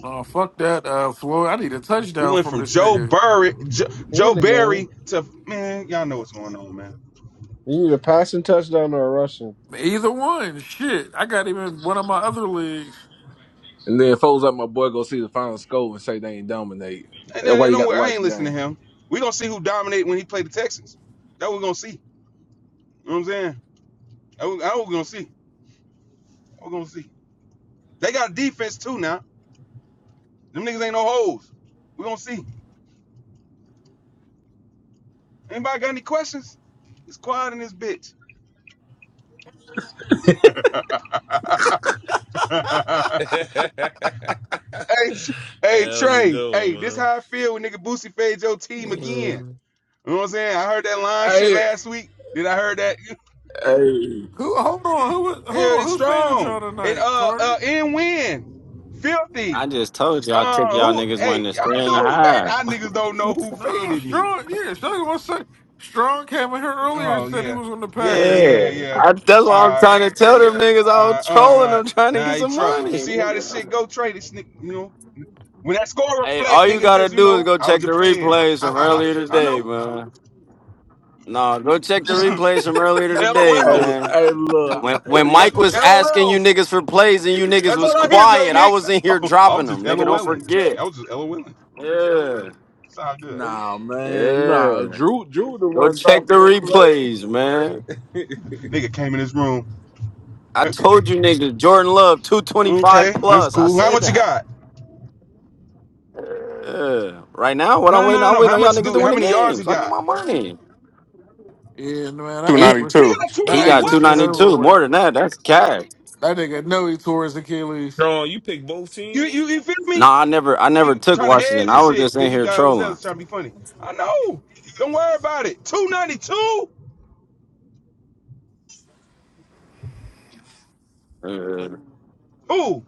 Oh fuck that, uh Floyd. I need a
We
touchdown
went
from
from
this
Joe
nigga.
Burry, Joe,
He
Joe
in the game.
Barry to man, y'all know what's going on, man.
He need a passing touchdown or a rushing.
Either one. Shit. I got him in one of my other leagues.
And then folks like my boy go see the final score and say they ain't dominate.
And
That's why
then,
you
don't
got to
I
watch
ain't
the
listening
game.
to him. We gonna see who dominate when he play the Texans. That we gonna see. You know what I'm saying? That we, that we gonna see. That we gonna see. They got defense too now. Them niggas ain't no hoes. We gonna see. Anybody got any questions? It's quiet in this bitch. hey,
yeah, that
Tr- hey
was a
Trey.
good
Hey, this
one,
how I feel when nigga Boosie fade your team again.
man.
You know what I'm saying? I heard that line shit
Hey,
last week. Then I heard that. you know
hey,
Who hold on, who hold
Yeah,
on,
he's
who faded y'all
strong. And
tonight,
uh uh
Carter?
in win. Filthy.
I just told you I
Uh
took y'all
who
niggas one
hey,
to
y'all
three and a
know who man,
half.
y'all niggas don't know who
No,
faded me.
Strong, yeah, Strong one sec. Strong came in here earlier and
Oh
said he
yeah.
was on the
Yeah,
Packers.
yeah,
Hey,
yeah.
I, that's what I'm
Alright.
trying to tell them niggas. I was
Alright,
trolling
alright.
them trying to
Nah,
get
he
some
troll. You
money.
see how this shit
nigga.
go, Trey? This nigga, you know. When that score
Hey,
reflect,
all you
niggas
gotta
just, you
do is
know,
go
I was
check the
just playing.
replays
Ha
from
ha ha.
earlier
I
today,
know.
man. No, go check the replays from earlier today,
hey,
LOLs.
man.
hey, look.
When when Mike was asking you
LOLs.
niggas for plays and you niggas
That's
was
all I hear, Jay
quiet, I
Nix.
was in here
Oh, I
dropping
was just
them. Nigga, don't
LOLing. I
forget.
was just LOLing.
Yeah.
Sound good.
Nah, man. Nah,
Yeah.
Drew, Drew the
Go
one
check the
dropping them plays.
replays, man.
Nigga came in his room.
I
Uh,
told you niggas, Jordan Love, 225
Okay, that's
plus. I
cool. How
said
much you
that.
got?
Yeah. Right now, what
No,
I'm
no,
waiting,
no,
I'm
no, no.
waiting
How
on y'all
much
niggas
do?
to win
How
the
many yards
game
he
so I can get
got?
my money.
Yeah, man, that
Two
He
act was
He got
ninety-two.
like two
he
that
ninety.
act
got
was shit
What?
over
292. More
with.
than that, that's cash.
That nigga know he tore his
Uh,
Achilles.
no, you picked both
You,
teams.
you, you feel me?
Nah, I never I
He
never took
trying to
Washington.
hedge and
I was
shit
just in
because he
here
got was there
trolling.
trying to be funny. I know. Don't worry about it. Two ninety two.
Uh,
Who?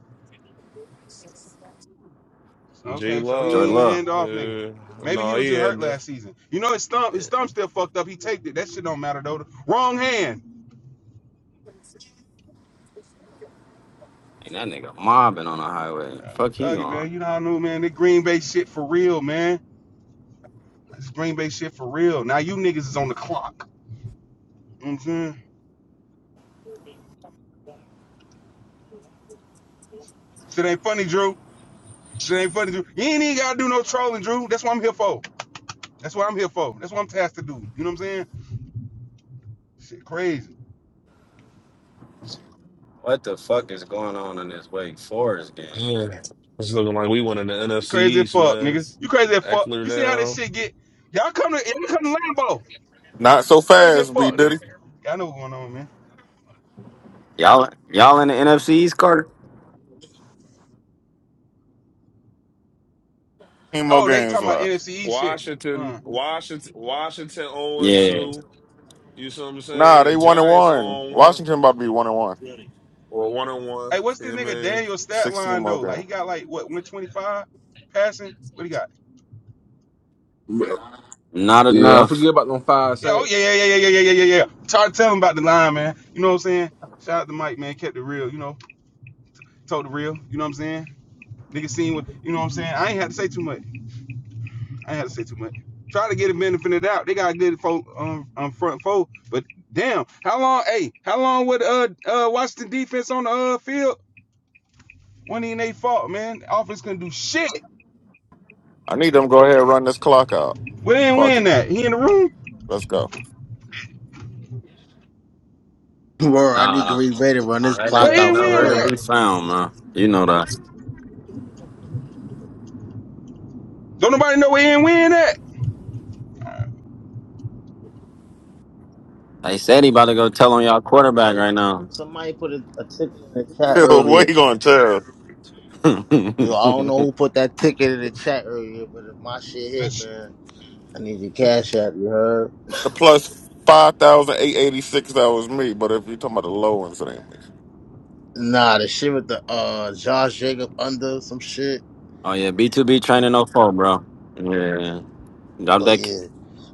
J
Okay, so he
Jordan
ain't the
Law.
Love.
handoff nigga.
Uh,
Maybe he
no,
was
he
just hurt
had
last
the.
season. You know his thumb, his thumb still fucked up. He taped it. That shit don't matter though. Wrong hand.
And that nigga mobbing on the highway.
Uh,
Fuck he
Thug it,
gone.
man. You know how I know, man. That Green Bay shit for real, man. This Green Bay shit for real. Now you niggas is on the clock. You know what I'm saying? Shit ain't funny, Drew. Shit ain't funny, Drew. You ain't even gotta do no trolling, Drew. That's what I'm here for. That's what I'm here for. That's what I'm tasked to do. You know what I'm saying? Shit crazy.
What the fuck is going on in this Wake Forest game?
Yeah. It's looking like we went in the
You
NFC
crazy as
East,
fuck,
man.
nigga. You crazy as fuck.
Eckler
You see how this
down.
shit get? Y'all come to y'all come to Lambo.
Not so
Crazy as
fast, B
fuck, nigga.
Diddy.
Y'all know what's going on, man.
Y'all y'all in the NFC East, Carter?
Team more
Oh, they
games
talking about
left.
NFC East shit.
Washington,
Uh.
Washington, Washington 0 and
Yeah.
2. You see what I'm
Nah,
saying?
they
The
one and
Giants 0
one.
on 1
Washington about to be one and one.
or 1 on 1.
Hey, what's
You know
this
I
nigga
mean?
Daniel stat
Sixteen
line
more
though? Like
games.
he got like what 125 passing? What he got?
Not
Yeah, don't
enough.
forget about them five
Yeah, oh yeah,
sacks.
yeah, yeah, yeah, yeah, yeah, yeah, yeah. Try to tell him about the line, man. You know what I'm saying? Shout out to Mike, man. Kept it real, you know. Told the real, you know what I'm saying? Nigga seen what, you know what I'm saying? I ain't had to say too much. I ain't had to say too much. Try to get a benefit of the doubt. They got a good fo- um, um front four, but damn, how long? Hey, how long would uh uh Washington defense on the uh field? When ain't they fault, man? Offense couldn't do shit.
I need them. to Go ahead, and run this clock out.
Where they ain't
Fuck
win
it.
that? He in the room?
Let's go.
Bro, I need
Nah.
Green Bay to run this
I
Where
clock
he
ain't
ain't
out
win
nowhere
for
to
real.
that?
be found, man. You know that.
Don't nobody know where he ain't win
They said he about to go tell on y'all quarterback right now.
Somebody put a, a ticket in the chat
what
earlier.
you gonna tell?
oh
Yo, I don't know who put that ticket in the chat earlier, but if my shit hit,
that?
man, I need your cash app, you heard?
The plus five thousand eight eighty six. That was me. But if you're talking about the low ones, it ain't me.
Nah, the shit with the uh Josh Jacob under some shit.
yeah, B two B training no four, bro. Yeah, drop
Oh
that. k-
yeah.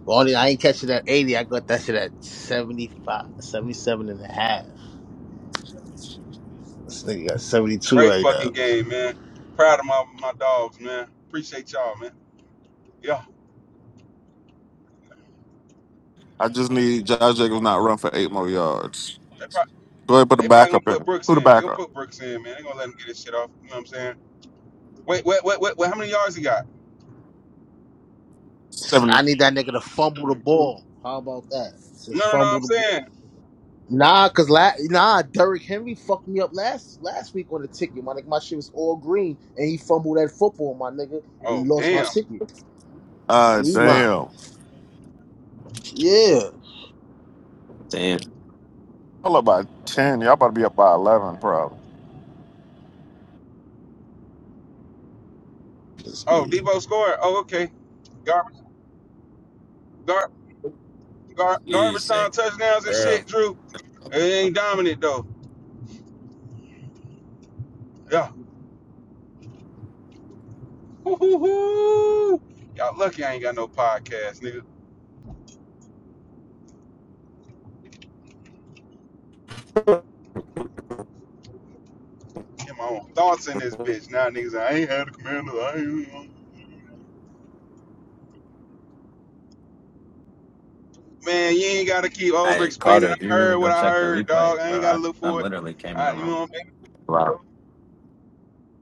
But only I ain't catching that 80. I got that shit at 75, 77 and a half. This nigga got 72
Great
right now.
fucking game, man. Proud of my, my dogs, man. Appreciate y'all, man. Yeah,
I just need Josh Jacobs not run for eight more yards.
they probably
Go ahead, put the
they probably gonna
backup
put
in.
Brooks
Who the
in. They gonna
backup?
put Brooks in, man. They gonna let him get his shit off. You know what I'm saying? Wait, wait, wait, wait, wait. How many yards he got?
Seventy.
I need that nigga to fumble the ball. How about that?
No,
Just
no, no.
fumble
I'm
the ball.
saying.
Nah, cause la- nah, Derrick Henry fucked me up last last week on the ticket. My nigga, my shit was all green, and he fumbled that football, my nigga,
Oh,
and lost my
damn.
ticket. I
Uh,
need mine.
damn.
Yeah.
Damn.
Y'all up by ten. Y'all about to be up by eleven, probably.
Let's
Oh,
see.
Debo scored. Oh, okay. Garbage, gar, gar, garbage
Jeez,
time
nigga.
touchdowns and
Girl.
shit, Drew. It ain't dominant though. Yeah. Woo-hoo-hoo. Y'all lucky I ain't got no podcast, nigga. Get my own thoughts in this bitch. Now niggas, I ain't had a commander. I ain't. Man, you ain't gotta keep over
Hey Carter,
explaining.
if
I
you really
heard
go
what I
check the
heard,
replay,
dog. I
bro,
ain't
I,
gotta look
I
for it.
literally came in the
I, you know
room.
what i mean?
Wow.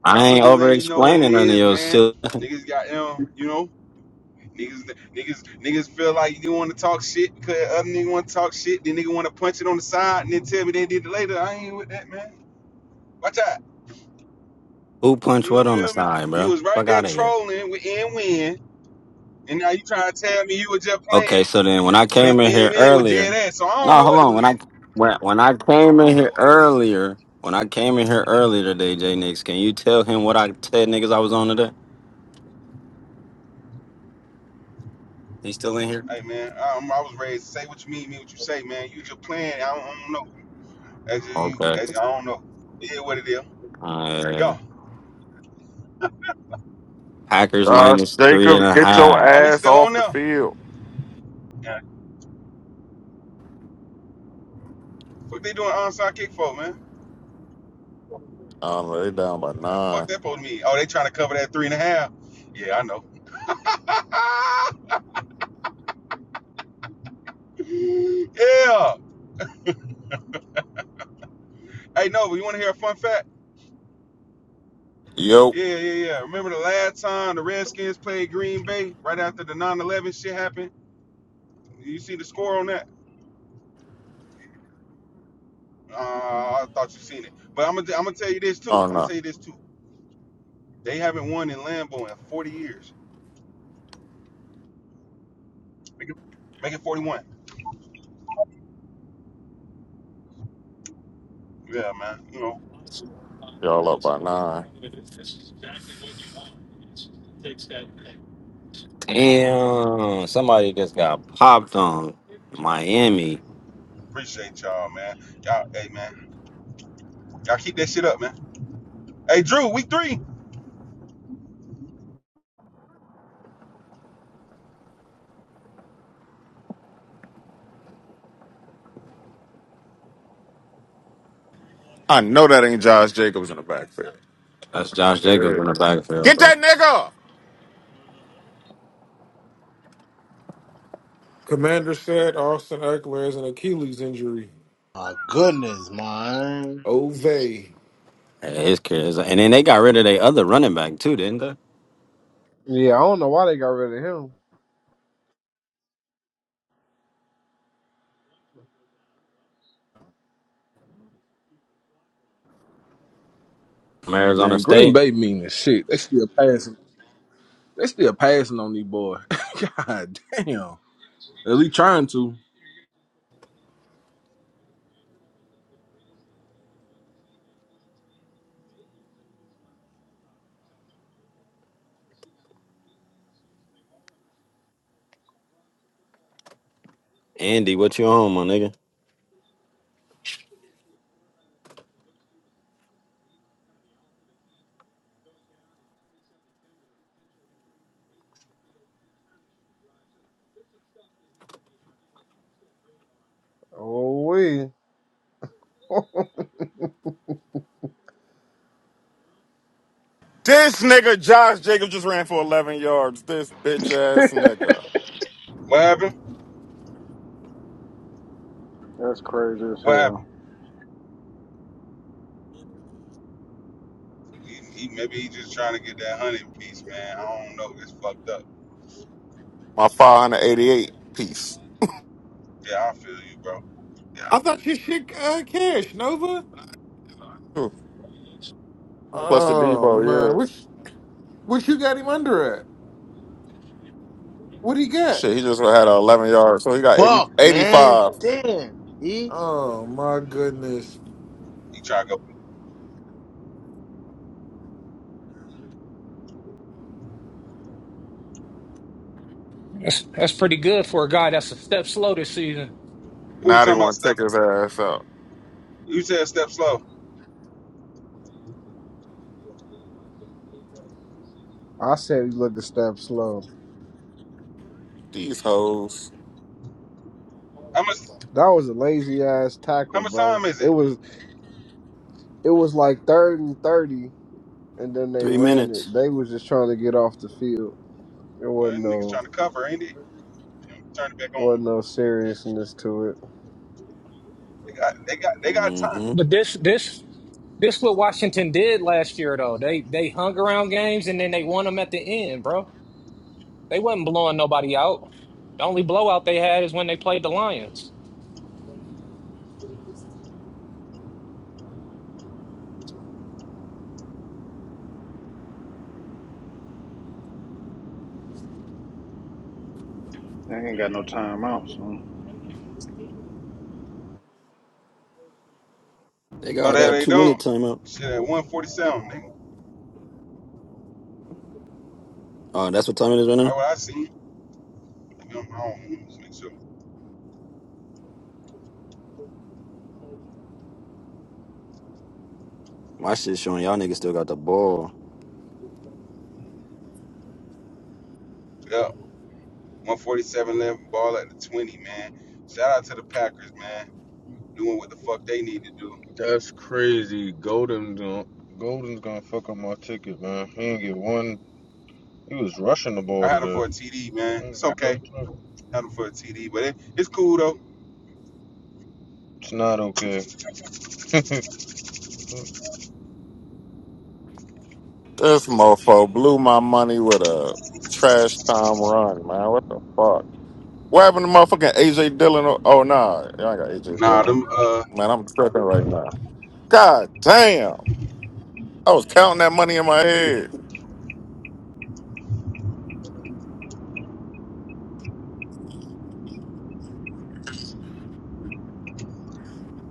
I
I'm
ain't
just
over
letting you know what it
explaining none of
is,
your
man.
silly
Niggas got you know, you know, niggas, niggas, niggas feel like you want to talk shit because other nigga want to talk shit. Then nigga want to punch it on the side and then tell me they did it later. I ain't with that, man. Watch out.
who punched
You know,
what on the
feel me?
side,
You
bro.
was right
Fuck
there
out of here.
trolling with N Win, and now you trying to tell me you was just
Okay,
playing
so then when I
when
came in
N
here
Win was dead
earlier,
ass. So I don't
no,
know
hold
what to
on. When
believe.
I when when I came in here earlier, when I came in here earlier today, J Nix, can you tell him what I said, niggas? I was on today. He's still in here.
Hey man, um, I was raised say what you mean, mean what you say, man. You just playing. I don't, I don't know. That's just you.
Okay.
That's I don't know. It is what it is.
Uh,
Yo,
Packers
Josh
minus three and
Jacobs,
a
get your
half.
oh, he's
ass
still on
off the
there.
field.
Yeah. What they doing onside kick for, man?
Um, they down by
Yeah, fuck
nine.
that supposed to mean. Oh, they trying to cover that three and a half. Yeah, I know. yeah. Hey, no, but you want to hear a fun fact?
Yo.
Yeah, yeah, yeah. Remember the last time the Redskins played Green Bay right after the 9/11 shit happened? You see the score on that? Uh, I thought you seen it, but I'm gonna I'm gonna tell you this too.
Oh
I'm gonna
no,
tell you this too. They haven't won in Lambeau in 40 years. Make it, make it 41. Yeah, man. You know,
y'all up by nine.
Damn, somebody just got popped on Miami.
appreciate y'all, man. Y'all, hey, man. Y'all keep that shit up, man. Hey, Drew, week three.
I know that ain't Josh Jacobs in the backfield.
That's Josh
It
Jacobs
is.
in the backfield,
Get
bro.
that nigga.
Commander said Austin Eckler has an Achilles injury.
My goodness, man.
Ove. I
Hey, his kids, and then they got rid of their other running back too, didn't they?
Yeah, I don't know why they got rid of him.
From Arizona
Man, Green
State.
Bay mean as shit. They still passing. They still passing on these boy. God damn. At least trying to.
Andy, what you on, my nigga?
Oh, we.
This nigga Josh Jacobs just ran for 11 yards. This bitch ass nigga.
What happened?
That's crazy as
What
hell.
happened? He, he, maybe he just trying to get that hunting piece, man. I don't know. It's fucked up.
My 588 piece.
Yeah, I feel you, bro.
thought you should uh, cash, Nova.
Ooh, Plus the
Oh
Debo,
man,
yeah.
which which you got him under at? What he got?
Shit, he just had a 11 yards. So he got 80,
Fuck, man.
85.
Damn. E.
Oh my goodness,
You try to go.
That's that's pretty good for a guy that's a step slow this season.
Who you
Now they
talking about?
want to
Step.
take his ass out.
You said step slow.
I said he looked a step slow.
These hoes.
How much?
That was a lazy ass
How
tackle,
much
bro.
time is
It
it?
was it was like third and thirty, and then they
Three
ran
minutes.
it. They was just trying to get off the field. It
Uh,
wasn't
niggas
no.
trying to cover, ain't it? Turn it back on.
Wasn't no seriousness to it.
They got. They got. They got time.
hmm
But this this this what Washington did last year though. They they hung around games and then they won them at the end, bro. They wasn't blowing nobody out. The only blowout they had is when they played the Lions.
They ain't got no timeouts. So
They got
No,
all
they,
that
they
two minute
don't.
timeout.
Shit, at 147, nigga.
Uh, that's what time it is right
That's
now.
what I see. Like, I'm home. So,
My shit's showing y'all niggas still got the ball.
yeah, 147 left, ball at the 20, man. Shout out to the Packers, man. Doing what the fuck they need to do.
That's crazy. Golden's gonna, Golden's gonna fuck up my ticket, man. He didn't get one. He was rushing the
I
ball
had them
today.
for a TD, man. It's
no
okay. Had them for a TD, but it, it's cool, though.
It's not okay.
This mofo blew my money with a trash time run, man. What the fuck? What happened to motherfucking AJ Dillon? Oh, nah. Y'all ain't got AJ
Nah,
Dillon.
them, uh,
Man, I'm tripping right now. God damn. I was counting that money in my head.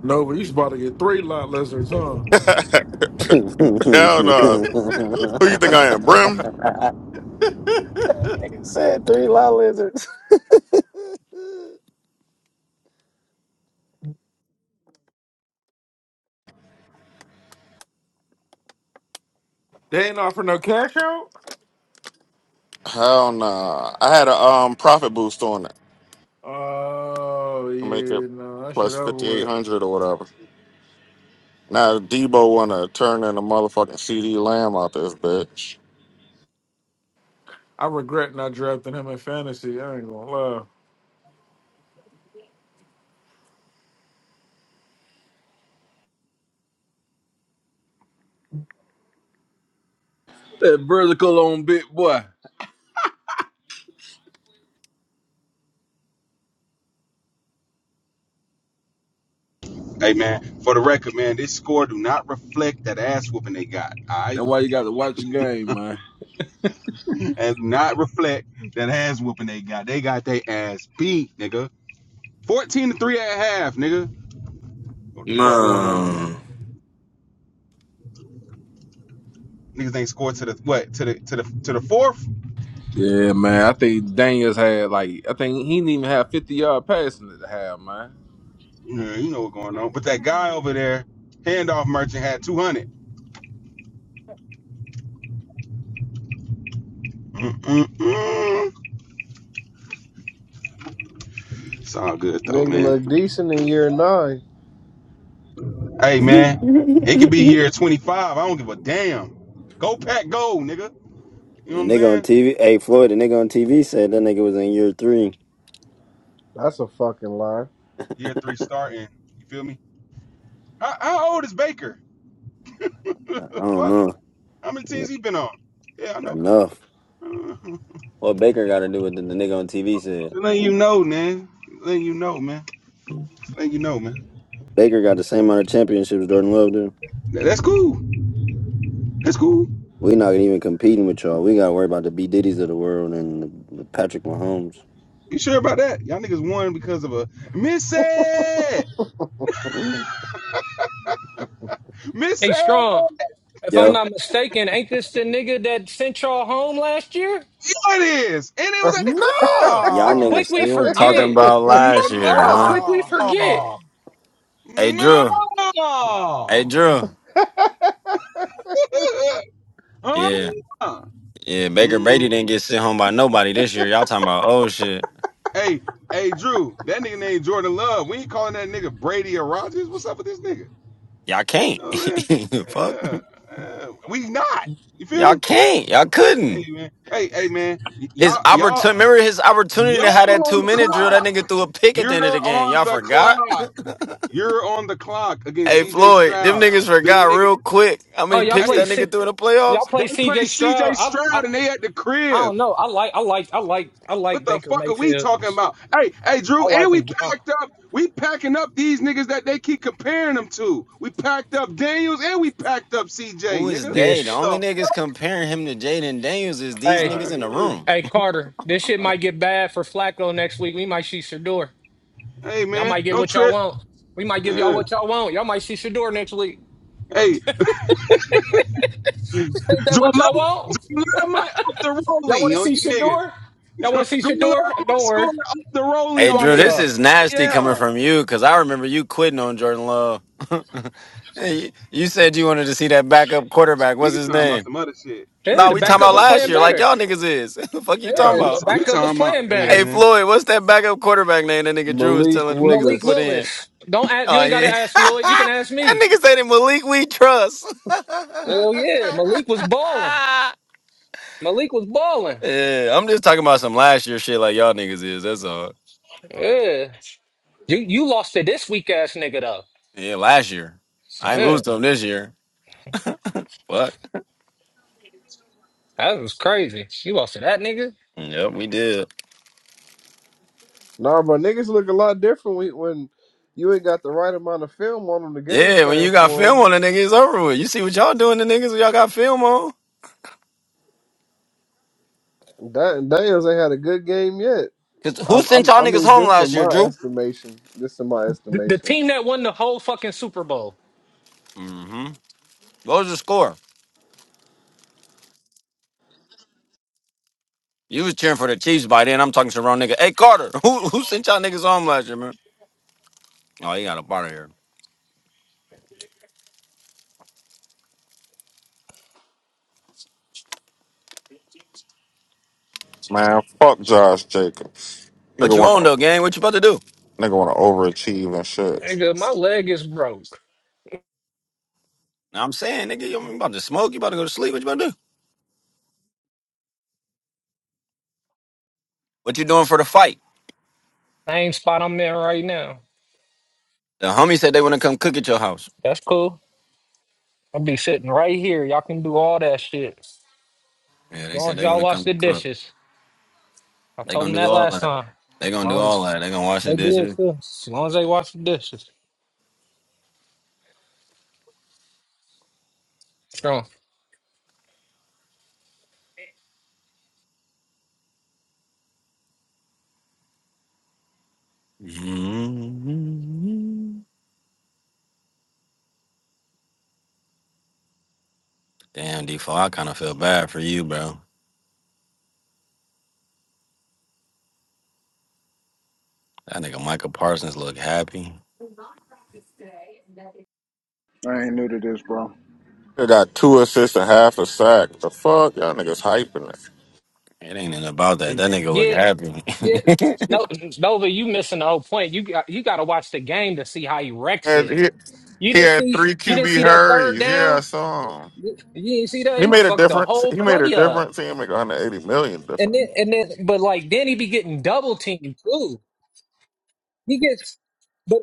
Nova, you about to get three lot lizards, huh?
Hell no. Who you think I am, Brim?
They ain't offer no cash out.
Hell no. I had a um profit boost on it
Oh
to make it
yeah, no, that shit
plus
over
fifty eight
with.
hundred or whatever. Now Debo wanna turn in a motherfucking CD Lamb out this bitch.
I regret not drafting him in fantasy. I ain't gonna lie.
That vertical on big boy.
hey, man, for the record, man, this score do not reflect that ass whooping they got, all right?
That's why you got to watch the game, man.
And not reflect that ass whooping they got. They got their ass beat, nigga. 14 to 3 at half, nigga. What the fuck going on,
Man.
man? Niggas ain't scored to the, what, to the, to the, to the fourth?
Yeah, man. I think Daniels had like I think he didn't even have fifty yard passing at the half, man.
Yeah, you know what's going on. But that guy over there, handoff merchant, had 200. Mm-mm-mm. It's all good though,
Nigga
man.
look decent in year nine.
Hey, man, it could be
The
year 25. I don't give a damn. Go pack, go, nigga. You know what I'm
nigga on
saying?
TV, hey Floyd, the nigga on TV said that nigga was in year three.
That's a fucking lie.
Year three starting. You feel me? How, how old is Baker?
I don't
Fuck.
know.
How many teams he been on? Yeah, I know.
Enough.
Uh-huh.
What Baker got to do with the, the nigga on TV
Just
said?
letting you know, man. Just Letting you know, man. Just Letting you know, man.
Baker got the same amount of championships Jordan Love do.
Th- That's cool. That's cool.
We not even competing with y'all. We got to worry about the B Diddy's of the world and the, the Patrick Mahomes.
You sure about that? Y'all niggas won because of a miss
Mm.
Miss
Hey,
Sam,
Strong,
yeah,
if I'm
Yo.
not mistaken, ain't this the nigga that sent y'all home last year?
it is. And it was at the crib.
How
Y'all
Nah,
niggas
quick we
still
I,
talking
forget.
about last year,
How
huh?
no.
quick we
nah.
forget.
No.
Hey Drew. Hey
No.
Drew. Yeah.
Uh-uh.
Yeah. Baker Brady didn't
Mhm.
get sent home by nobody this year. Y'all talking about oh shit.
Hey, hey, Drew, that nigga named Jordan Love. We ain't calling that nigga Brady or Rogers. What's up with this nigga?
Y'all
You
can't.
know what I'm
Fuck.
saying? Uh, uh, we not. You feel
Y'all
me?
can't. Y'all
Hey
couldn't.
man. Hey, hey man.
His
Y'all, y'all,
opportunity remember his opportunity
y'all
to have that
on
two
the
minute drill, that
clock.
nigga threw a pick at
You're
the end of the game.
on
Y'all
the
forgot?
clock. You're on the clock against
hey
CJ
Floyd, them
Stroud.
niggas
The
forgot
nigga,
real quick how
Oh,
many
y'all
picks
play
hey,
that
C-
nigga threw in the
y'all
playoffs?
they
play
play
CJ Stroud.
CJ
I, I
Stroud and they at the
I
crib.
don't know. I like I like I like I
What
like
the
Baker
fuck are we
Mayfield.
talking about? Hey, hey,
I
Drew, and
like
we
him. Uh,
packed up. We packing up these niggas that they keep comparing them to. We packed up Daniels and we packed up CJ,
Who is
nigga.
they? The
What
yes.
only
the?
niggas comparing him to Jaden Daniels is these
Hey,
niggas
Alright,
in the
yeah.
room.
hey Carter, this shit might get bad for Flacco next week. We might see Shador.
Hey
Y'all
man,
might get
don't
what y'all
trip.
want. We might give y'all
Yeah.
what y'all want. Y'all might see Shador next week.
Hey,
ain't that what
Jordan
y'all
Love,
want?
Jordan Love might up the
Y'all want to
rollie on
see
you
Shador?
niggas.
Y'all want to see
Jordan Love
Shador?
might
Don't
score
worry,
up the
we
rollie
Hey
on
Drew,
got
this
niggas.
y'all.
is nasty
Yeah.
coming from you because I remember you quitting on Jordan Love. Hey, you said you wanted to see that backup quarterback. What's
Nigga
his
talking about
name?
some other shit.
Yeah,
Nah,
Nigga
the
we
talking
talking
about
backup
some
about
was
other
last
playing
year,
shit.
like
better.
y'all niggas is. Fuck you talking
Nah,
Yeah,
we
the
t-
about?
we
backup was
talking about,
playing
hey
Hey
better.
man.
Floyd, what's that backup quarterback name that nigga Drew is
Malik
telling them niggas to
Malik
put
Willis.
in?
Willis. Don't ask. You
Oh
ain't got to
yeah,
ask Floyd. You can
that
ask me.
nigga said it Malik we trust.
Hell yeah, Malik was balling. Malik was balling.
yeah, I'm just talking about some last year shit, like y'all niggas is. That's all.
Yeah, you you lost to this weak ass nigga though.
Yeah, last year. I ain't
Yeah,
lose to him this year. Fuck.
that was crazy. You lost to that nigga.
Yep, we did.
Nah, but niggas look a lot different when when you ain't got the right amount of film on them, the game
Yeah, when you
plan
got film
for
on the nigga, it's over with. You see what y'all doing to niggas when y'all got film on?
them. That Daniels ain't had a good game yet.
Cause who
I'm,
sent
I'm,
y'all
I
niggas
mean,
home
just
last
in
year,
my
Drew?
estimation, just in my
The, the
estimation.
team that won the whole fucking Super Bowl.
Mm-hmm. What was the score? You was cheering for the Chiefs by then. I'm talking to the wrong nigga. Hey Carter, who who sent y'all niggas home last year, man? Oh, he got a part of here.
Man, fuck Josh Jacobs.
What
Nigga
you
want
on
to
though, gang? What you about to do?
nigga want to overachieve and shit.
Nigga, my leg is broke.
Now I'm saying, nigga, you you about to smoke, you about to go to sleep, what you about to do? What you doing for the fight?
Same spot I'm in right now.
The homie said they wanna come cook at your house.
That's cool. I'll be sitting right here. Y'all can do all that shit. As
Yeah, they
long
said
as
they
y'all
wanna
wash
come
the
cook.
dishes. I
They
told
gonna
them
do
that
all
last
that.
time. As
They gonna do
long
all
as
that. They gonna wash the
they did
dishes.
too. As long as they wash the dishes. So
Mhm. Damn, D4, I kind of feel bad for you, bro. That nigga Michael Parsons look happy.
I ain't new to this, bro.
They got two assists and half a sack. The fuck, y'all niggas hyping it.
It ain't nothing about that. That nigga look
yeah,
happy.
yeah. No, Nova, you missing the whole point. You got you got to watch the game to see how he wrecks
And
it.
he,
You
he
didn't
had
see
three
you didn't see
QB
that third
hurries. Yeah, I
down.
saw him.
You didn't see that
He
he
made a
fucked the
difference.
whole
He made a
play up.
difference. He didn't make 180 million
And then
difference.
and then, but like then he be getting double teamed too. He gets, but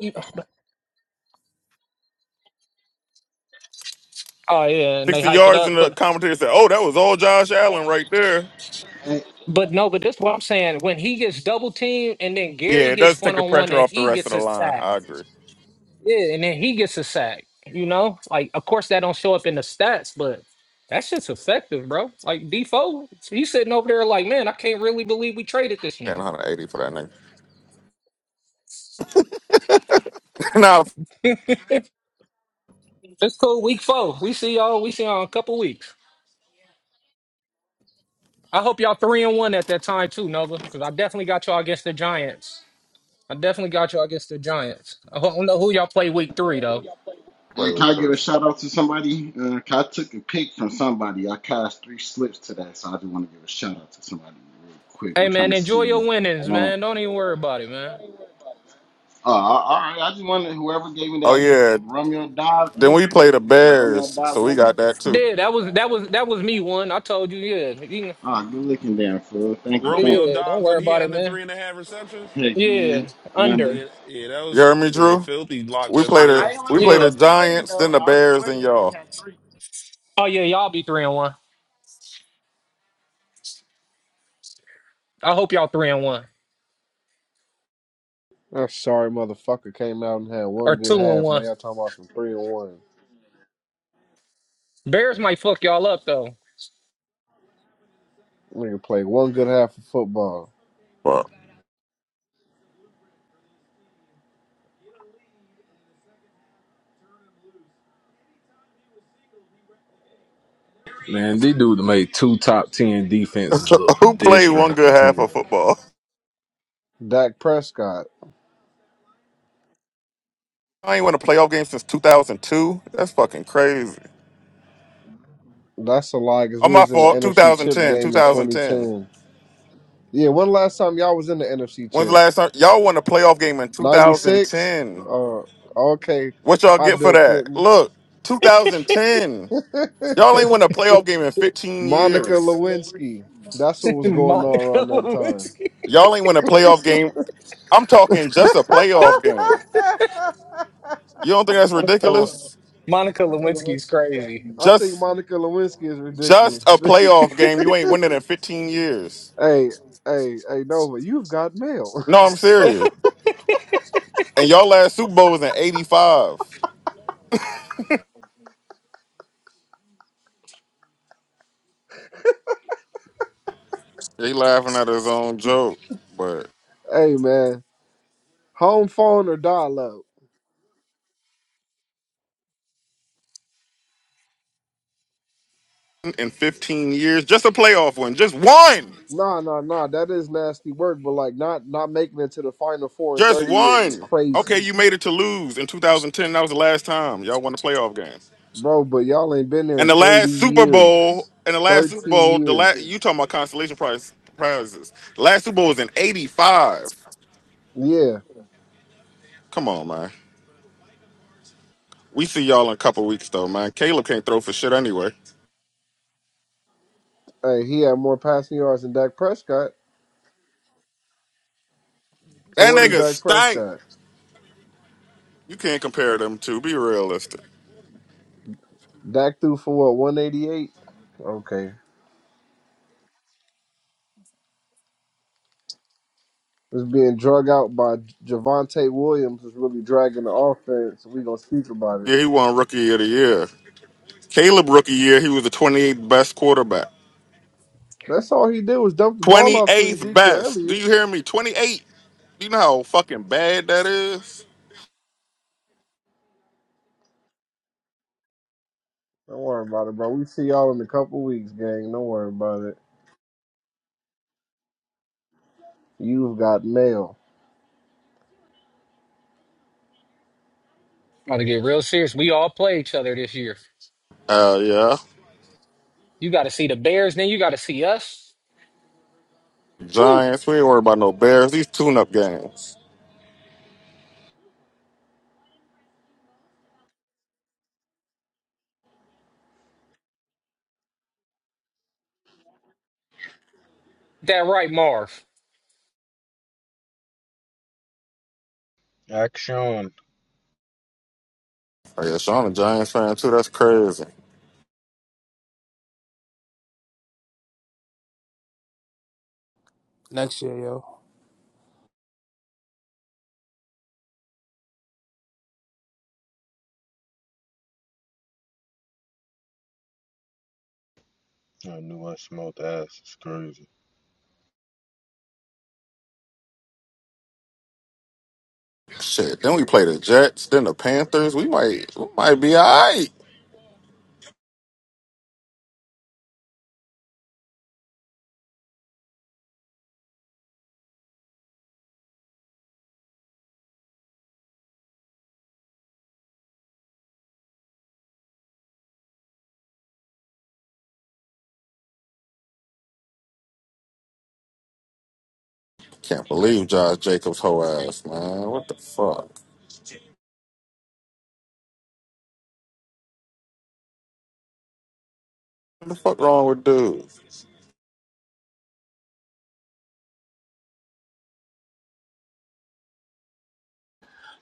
oh yeah, and they
60
hype it
yards in
up, but.
the commentator said, "Oh, that was all Josh Allen right there."
But no, but that's what I'm saying. When he gets double teamed and then Gary
Yeah, it
gets
does
one
take the
on one
pressure
and
off the
he
rest of
gets
the
a
line.
sack.
I agree.
Yeah, and then he gets a sack. You know? Like of course that don't show up in the stats, but that shit's effective, bro. Like D four, he's sitting over there like, man, I can't really believe we traded this
Paying
nigga.
180 for that nigga. now I'll
It's cool. Week four. We see y'all, we see y'all in a couple weeks. I hope y'all three and one at that time too, Nova. Because I definitely got y'all against the Giants. I definitely got y'all against the Giants. I don't know who y'all play week three though.
play
And can
with
I give
Kirk.
a shout out to somebody? Uh, 'cause I took a pick from somebody. I cast three slips today, so I just want to give a shout out to somebody real quick. I'm
Hey
trying
man,
to
enjoy
see.
your winnings, man. Don't even worry about it, man.
Uh, all right. I just wonder whoever gave me
Oh
that
yeah.
Romeo dives
Then we
under,
play the
that Romeo
Bears,
dives
so we
under.
got that too.
Yeah, that was that was that was me one. I told you, yeah, You know,
Ah, good looking there, fool. Thank you, thank
Romeo
yeah. Don't
Dobbs,
worry
and he had
about it,
under
man.
three and a half receptions.
you. Heck yeah,
Yeah,
Oh,
under.
under.
yeah, yeah, that
You
was
heard me,
yeah,
Drew?
filthy. Locked
We
that
I,
played
shit
the
I
in
ain't want
we
you.
too.
played
I
the
Yeah.
was sweating
Giants,
though.
then the
I was
Bears, then
sweating 'cause he
y'all.
had three.
Oh yeah, y'all be three and one. I hope y'all three and one
That sorry motherfucker came out and had
or
one good
two and
half. Now
one.
y'all talking about some three and one.
Bears might fuck y'all up though.
Nigga played one good half of football.
Fuck.
Man, these dude made two top ten defenses look
Who played one
pedestrian. I
good
tell
half
you.
of football?
Dak Prescott.
I ain't won a playoff game since 2002. That's fucking crazy.
That's a lie because
Oh,
we
my
was in the
fault.
NFC Chip
2010.
game in
2010.
2010. Yeah, when last time y'all was in the NFC
When's the
Chip?
last time y'all won a playoff game in
96?
2010?
Uh, okay.
What y'all
Hi,
get for
Bill
that?
Clinton.
Look, 2010. Y'all ain't won a playoff game in 15
Monica
years.
Lewinsky. That's what was going on
Monica
around that time.
Lewinsky.
Y'all ain't won a playoff game. I'm talking just a playoff game. You don't think that's
Monica. Lew-
ridiculous?
Monica Lewinsky's crazy.
I think
Just
Monica Lewinsky is
just
ridiculous.
a playoff game. You ain't winning in 15 years.
hey, hey, hey, Nova, you've got mail.
No, I'm serious. And y'all last Super Bowl was in 85. He laughing at his own joke, but
hey, man. Home phone or dial-up?
in 15 years. Just a playoff win. Just one.
Nah, nah, nah. That is nasty work, but like not not making it to the final four in
Just
30 years is
one.
crazy.
Okay, you made it to lose in 2010. That was the last time y'all won a playoff game.
Bro, but y'all ain't been there
And
in
the
30
last Super Bowl,
years.
and the last Super
30
Bowl, the last
years.
you talking about consolation prize prizes. The last Super Bowl was in 85.
Yeah.
Come on, man. We see y'all in a couple weeks though, man. Caleb can't throw for shit anyway.
Hey, he had more passing yards than Dak Prescott. So
That
what is
nigga
Dak
stank.
Prescott?
You can't compare them two. Be realistic.
Dak threw for what, 188? Okay. it's being drug out by Javante Williams was really dragging the offense. We gonna speak about it.
Yeah, he won rookie of the year. Caleb rookie year, he was the 28th best quarterback.
That's all he did was dump the ball off to
28th
Ezekiel
best. Do
Elliott.
you hear me? 28. Do You know how fucking bad that is?
Don't worry about it, bro. We see y'all in a couple weeks, gang. Don't worry about it. You've got mail.
About to get real serious. We all play each other this year.
Uh, yeah.
You got to see the Bears, then you got to see us. Woo.
Giants. We ain't worried about no Bears. These tune up games.
That right, Marv.
Action.
Oh, yeah. Sean, a Giants fan, too. That's crazy.
next year, yo.
I knew I smelled ass. It's crazy.
Shit. Then we play the Jets, then the Panthers. We might, we might be all right. Can't believe Josh Jacobs' whole ass, man. What the fuck? What the fuck wrong with dudes?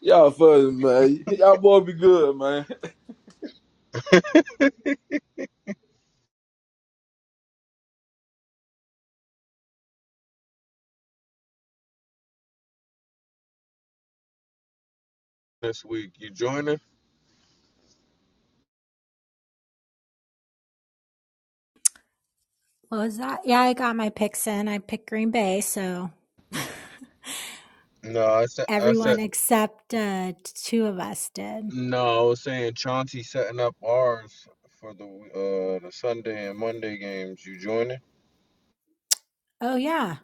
Y'all fuzzy, man. Y'all boy be good, man.
This week, you joining?
What was that? Yeah, I got my picks in. I picked Green Bay, so
No, I said. I said.
everyone except uh, t- two of us did.
No, I was saying Chauncey setting up ours for the uh the Sunday and Monday games. You joining?
Oh yeah,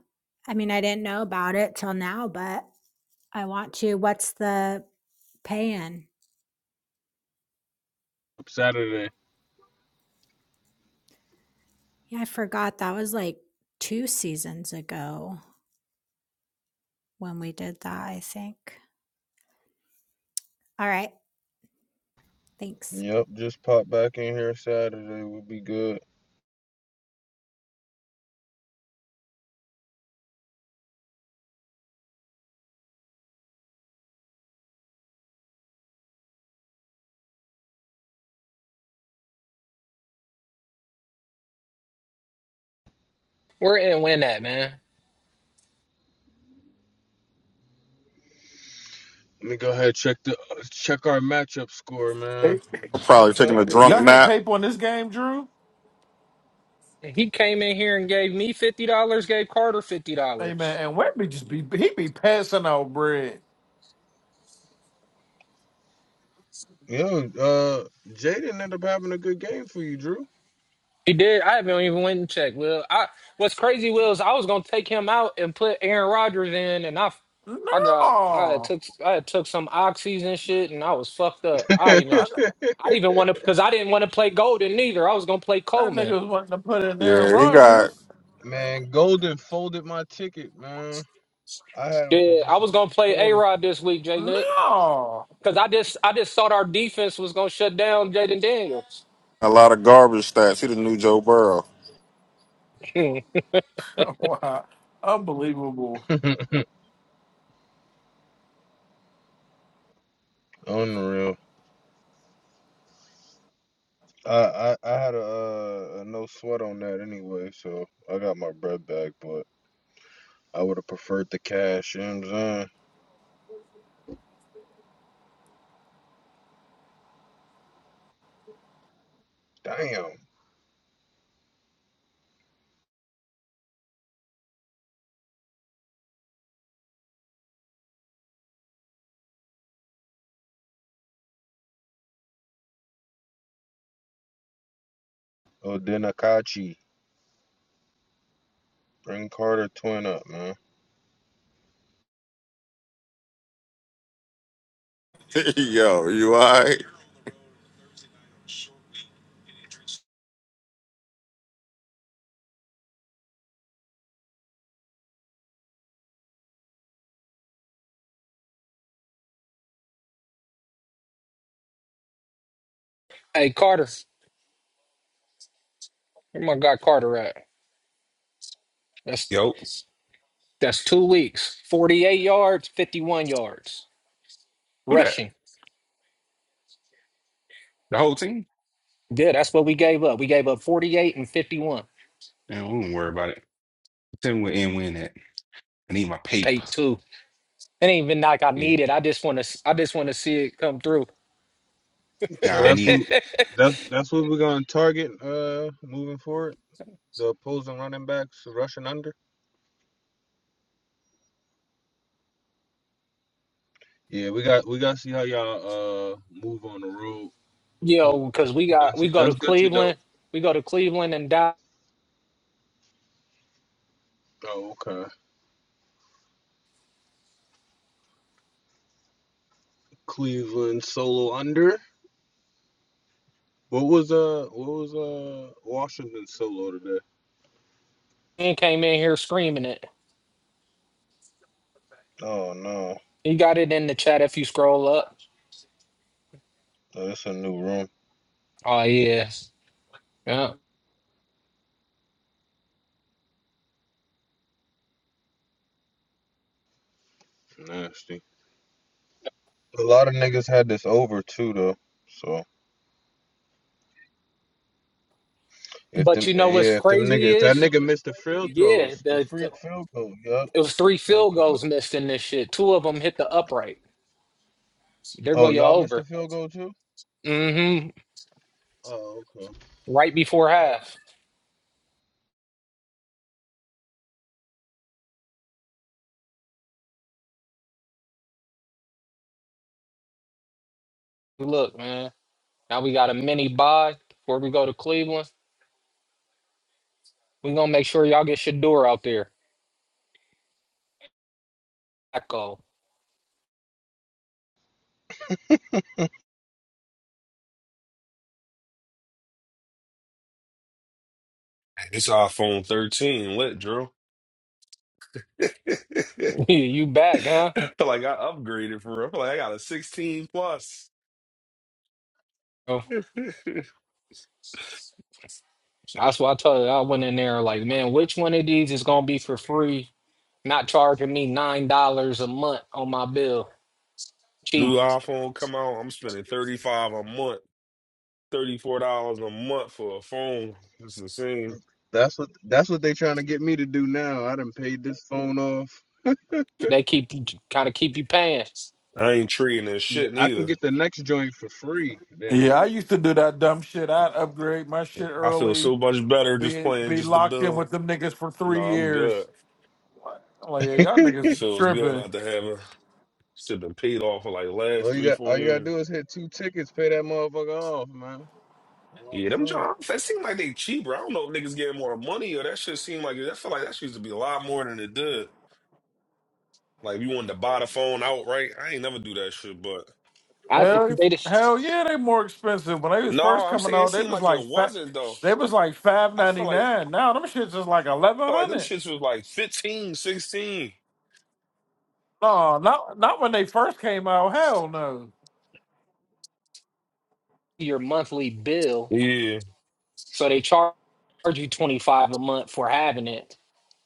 I mean I didn't know about it till now, but I want to. What's the pay-in?
Saturday.
Yeah, I forgot that was like two seasons ago when we did that. I think. All right, thanks.
Yep, just pop back in here Saturday. We'll be good.
We're in win that, man.
Let me go ahead and check the check our matchup score, man.
Hey,
I'm probably taking
Okay.
a drunk
Y'all had
nap.
paper on this game, Drew.
And He came in here and gave me fifty dollars, gave Carter fifty
Hey man,
dollars.
and Webby just be he be passing out bread.
Yeah, uh Jaden ended up having a good game for you, Drew.
He did. I haven't even went and checked. Will I? What's crazy, Will, is I was gonna take him out and put Aaron Rodgers in, and I, I got, I had
No,
took, I had took some oxys and shit, and I was fucked up. I even,
I,
I didn't even want to, cause I didn't want to play Golden either. I was gonna play
that
Coleman.
nigga was wanting to put in Aaron
Yeah, he got
Rodgers.
man, Golden folded my ticket, man. I had him for
Yeah, I
just a
was gonna play A
quarter.
Rod this week, J Nick,
No,
cause I just, I just thought our defense was gonna shut down Jaden Daniels.
a lot of garbage stats. He the new Joe Burrow.
hey
wow, unbelievable.
Unreal. I I, I had a, uh, a no sweat on that anyway, so I got my bread back. But I would have preferred the cash. You know what I'm saying? Damn. Odenakachi, bring Carter Twin up, man.
Yo, you all right?
Carter, where my guy Carter at? That's.
Yo,
That's two weeks. 48 yards, 51 yards
do that.
rushing.
The whole team.
Good. That's what we gave up. We gave up 48 and 51.
And we don't worry about it. Tell me where and win at. I need my paper.
Take two. It ain't even like I
Yeah.
need it. I just want to. I just want to see it come through.
Nah,
So
I
that's
need
what
it.
that's that's what we're gonna target. Uh, moving forward, the opposing running backs rushing under. Yeah, we got we got to see how y'all uh move on the road. Who-
Yo, because we got
That's
we go to
that's good to know.
Cleveland, we go to Cleveland, and Dan
Oh, okay. Cleveland solo under. What was uh what was uh Washington solo today?
came in here screaming it.
Oh no,
You got it in the chat if you scroll up.
Oh, it's a new room.
Oh yeah, yeah.
Nasty. A lot of niggas had this over too though. So if
But
them,
you know what's
yeah, if them niggas,
crazy
if that
is,
nigga missed the field
yeah,
throws, the
the
free field goal, yeah.
it was three field
Okay.
goals missed in this shit. Two of them hit the upright. There go
Oh,
your
y'all missed the
over.
field goal too.
Mm-hmm.
Oh, okay.
Right before half. Look, man. Now we got a mini bye before we go to Cleveland. we gonna make sure y'all get Shador out there. Echo.
It's iPhone 13 lit, Drew. I
you back, huh?
feel like I upgraded for real. I feel like I got a 16 plus.
Oh, that's why I told you I went in there like, man, which one of these is gonna be for free? Not charging me nine dollars a month on my bill.
New
Cheap.
iPhone come out, I'm spending 35 a month, $34 a month for a phone. It's insane.
That's what that's what they trying to get me to do now. I done paid this phone off.
They keep kind of keep you paying.
I ain't treating this
Yeah,
shit
I can
neither.
get the next joint for free, damn
Yeah, I
near.
used to do that dumb shit. I'd upgrade my shit
I feel
early,
so much better just
be
playing
be
just the
locked in
bill.
with them niggas for
No,
three
I'm
years.
good.
I'm like, yeah, y'all
It
niggas is
feels good
tripping.
after having shit been paid off for like
All
last
you
three,
got, all
four
you gotta
years.
do is hit two tickets, pay that motherfucker off, man. Oh,
Yeah, them jobs, that seem like they cheaper. I don't know if niggas getting more money or that shit seem like, it. I feel like that shit used to be a lot more than it did. Like, if you wanted to buy the phone outright, I ain't never do that shit, but.
I
Hell,
they just
hell yeah, they more expensive. When they was
No,
first
I'm
coming
saying it
out, they
seemed
was
like it
like fat.
wasn't though.
They was like five
I
ninety
feel like
nine. Now them shits is like eleven
felt like them
hundred.
shits was like 15, 16.
No, not not when they first came out. Hell no.
your monthly bill,
Yeah.
so they charge you twenty five a month for having it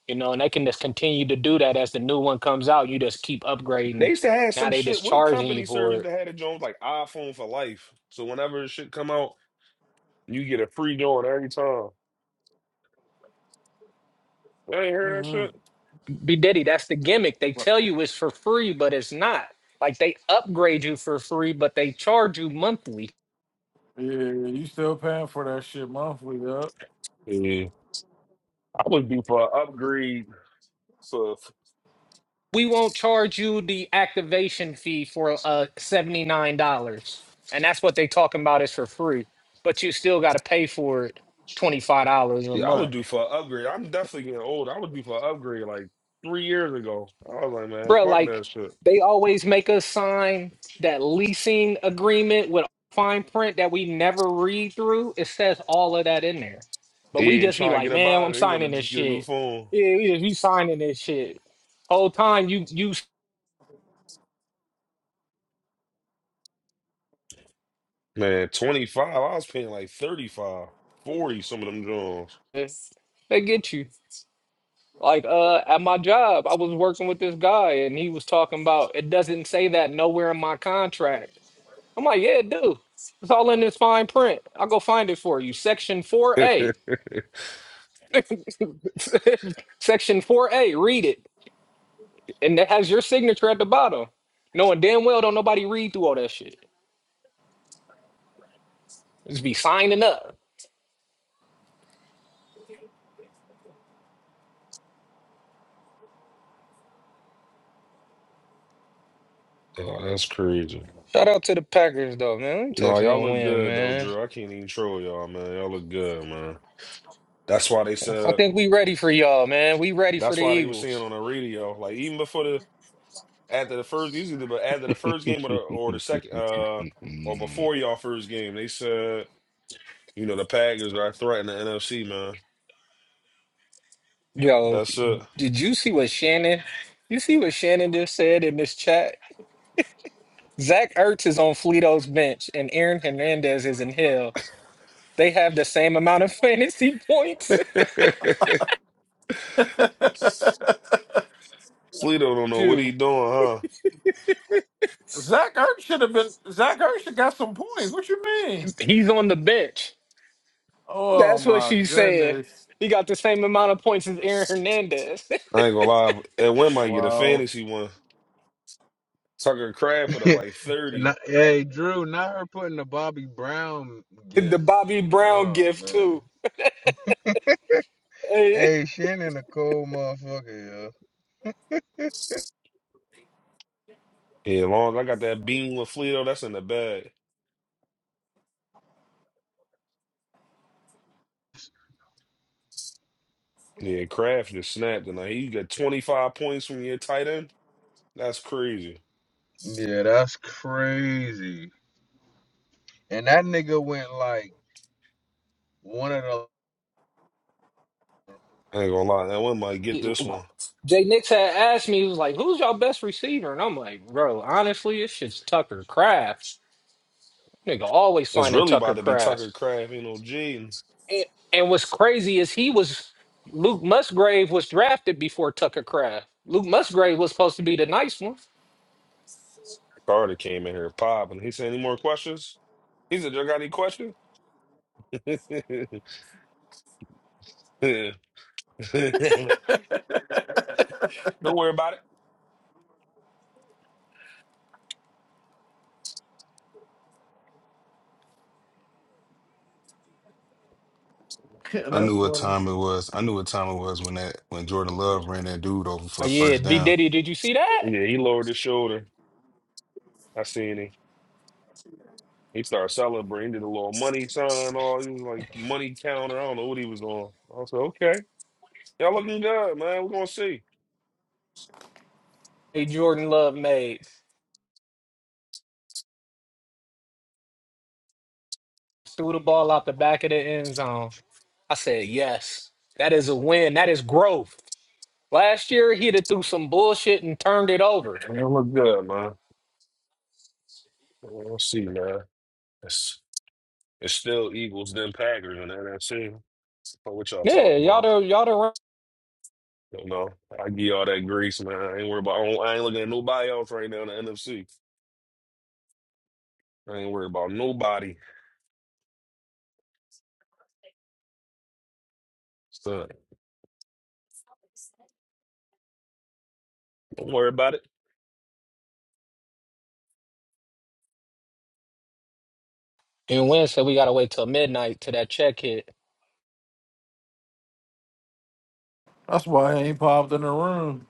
you know, and they can just continue to do that as the new one comes out. You just keep
They
upgrading.
used to have
Now
some
they
shit.
just
What
charging you
company service
for it.
that had a joint like iPhone for life? So whenever shit come out, you get a free joint every time. You ain't heard that
Mm-hmm.
shit?
Be Diddy, that's the gimmick. They
But,
tell you it's for free, but it's not. Like they upgrade you for free, but they charge you monthly.
Yeah, you still paying for that shit monthly, up.
Yeah. I would do for an upgrade for
We won't charge you the activation fee for uh seventy nine dollars, and that's what they talking about is for free, but you still got to pay for it twenty five dollars a
yeah, I would
month.
do for an upgrade. I'm definitely getting old. I would do for an upgrade like three years ago. I was like, man,
bro,
fuck
like
that shit.
they always make us sign that leasing agreement with fine print that we never read through. It says all of that in there, but we
Yeah,
just be
trying to
like,
get up
man,
out
I'm
of it. They want to
signing this
just get a new
shit.
phone.
Yeah, we just you signing this shit. Whole time you you
Man, 25. I was paying like 35, 40. some of them joints.
s- they get you. Like uh, at my job, I was working with this guy, and he was talking about it doesn't say that nowhere in my contract. I'm like, yeah, it do. It's all in this fine print. I'll go find it for you. Section four A. Section 4A, read it. And that has your signature at the bottom. Knowing damn well don't nobody read through all that shit. Just be signing up.
Oh, that's crazy.
Shout out to the Packers though, man. Let me
No,
text
y'all
and
look
win,
good though,
man.
Drew. I can't even troll y'all, man. Y'all look good, man. That's why they
I
said.
think we ready for y'all, man. We ready for
That's
the
why they were saying
Eagles.
on the radio, like even before the after the first usually, but after the first game or the or the second uh or before y'all first game, they said you know the Packers are threatening the NFC, man.
Yo,
That's it.
did you see what Shannon? You see what Shannon just said in this chat? Zach Ertz is on Fleto's bench and Aaron Hernandez is in hell. They have the same amount of fantasy points.
Sleeto don't know what he
Dude,
doing, huh?
Zach Ertz should have been. Zach Ertz should got some points. What you mean?
he's on the bench.
Oh
That's what
my
she said.
goodness!
He got the same amount of points as Aaron Hernandez.
I ain't gonna lie. That win might get a
Wow,
fantasy one. Tucker Crab put
fuck.
up like thirty.
Not- hey, Drew, not her putting the Bobby Brown
the
gift.
Bobby Brown
Oh,
gift
man.
too. Hey.
Hey, Shannon a cold motherfucker, yo.
Yeah, as long as I got that beam with Flito, that's in the bag. Yeah, Kraft just snapped and he got 25 points from your tight end. That's crazy.
Yeah, that's crazy. And that nigga went like one of the
I ain't gonna lie, that one might get this one.
Jay Nix had asked me, he was like, Who's y'all best receiver? And I'm like, bro, honestly, it's just Tucker Kraft. Nigga always
It's
finding
really
Tucker
about to be
Kraft.
Tucker Kraft, you know, G. And
And, and what's crazy is he was Luke Musgrave was drafted before Tucker Kraft. Luke Musgrave was supposed to be the nice one.
Carter came in here popping. He said, any more questions? He said, y'all got any questions? Don't
Yeah,
worry about it.
I
that's
knew what
funny.
time it was. I knew what time it was when that when Jordan Love ran that dude over for
Oh
the
yeah,
first
B
down.
Diddy, did you see that?
Yeah, he lowered his shoulder. I seen him. He started celebrating, did a little money sign, all he was like money counter. I don't know what he was on. I was like, okay. Y'all looking good, man. We're gonna see.
Hey Jordan Love made. threw the ball out the back of the end zone. I said, yes, that is a win. That is growth. Last year, he'd have threw some bullshit and turned it over.
Y'all look good, man. We're gonna see, man. It's it's still Eagles then Packers in the NFC. But what y'all
Yeah,
talking
y'all
about?
done, y'all done run.
You know, I give y'all that grease, man. I ain't worried about. I, don't- I ain't looking at nobody else right now in the NFC. I ain't worried about nobody. So don't worry about it.
And Wynn said, we got to wait till midnight till that check hit.
That's why he ain't popped in the room.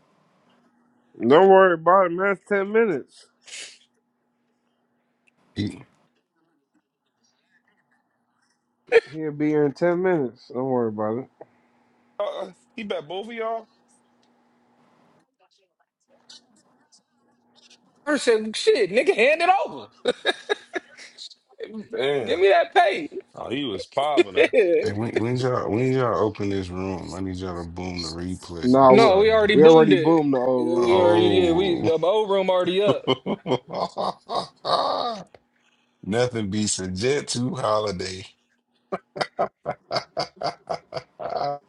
Don't worry about it, man. It's ten minutes.
He,
He'll be here in ten minutes. Don't worry about it.
Uh, he bet both of y'all.
I said, shit, nigga, hand it over. Give
Damn.
me that pay.
Oh, he was popping
hey, when, when y'all when y'all open this room, I need y'all to boom the replay.
Nah, we
no, we
Sorry, man.
already
we
boomed
already
it.
boomed the old
We
room.
already, yeah, we,
Oh.
the bowl room already up.
Nothing beats a jet to holiday. I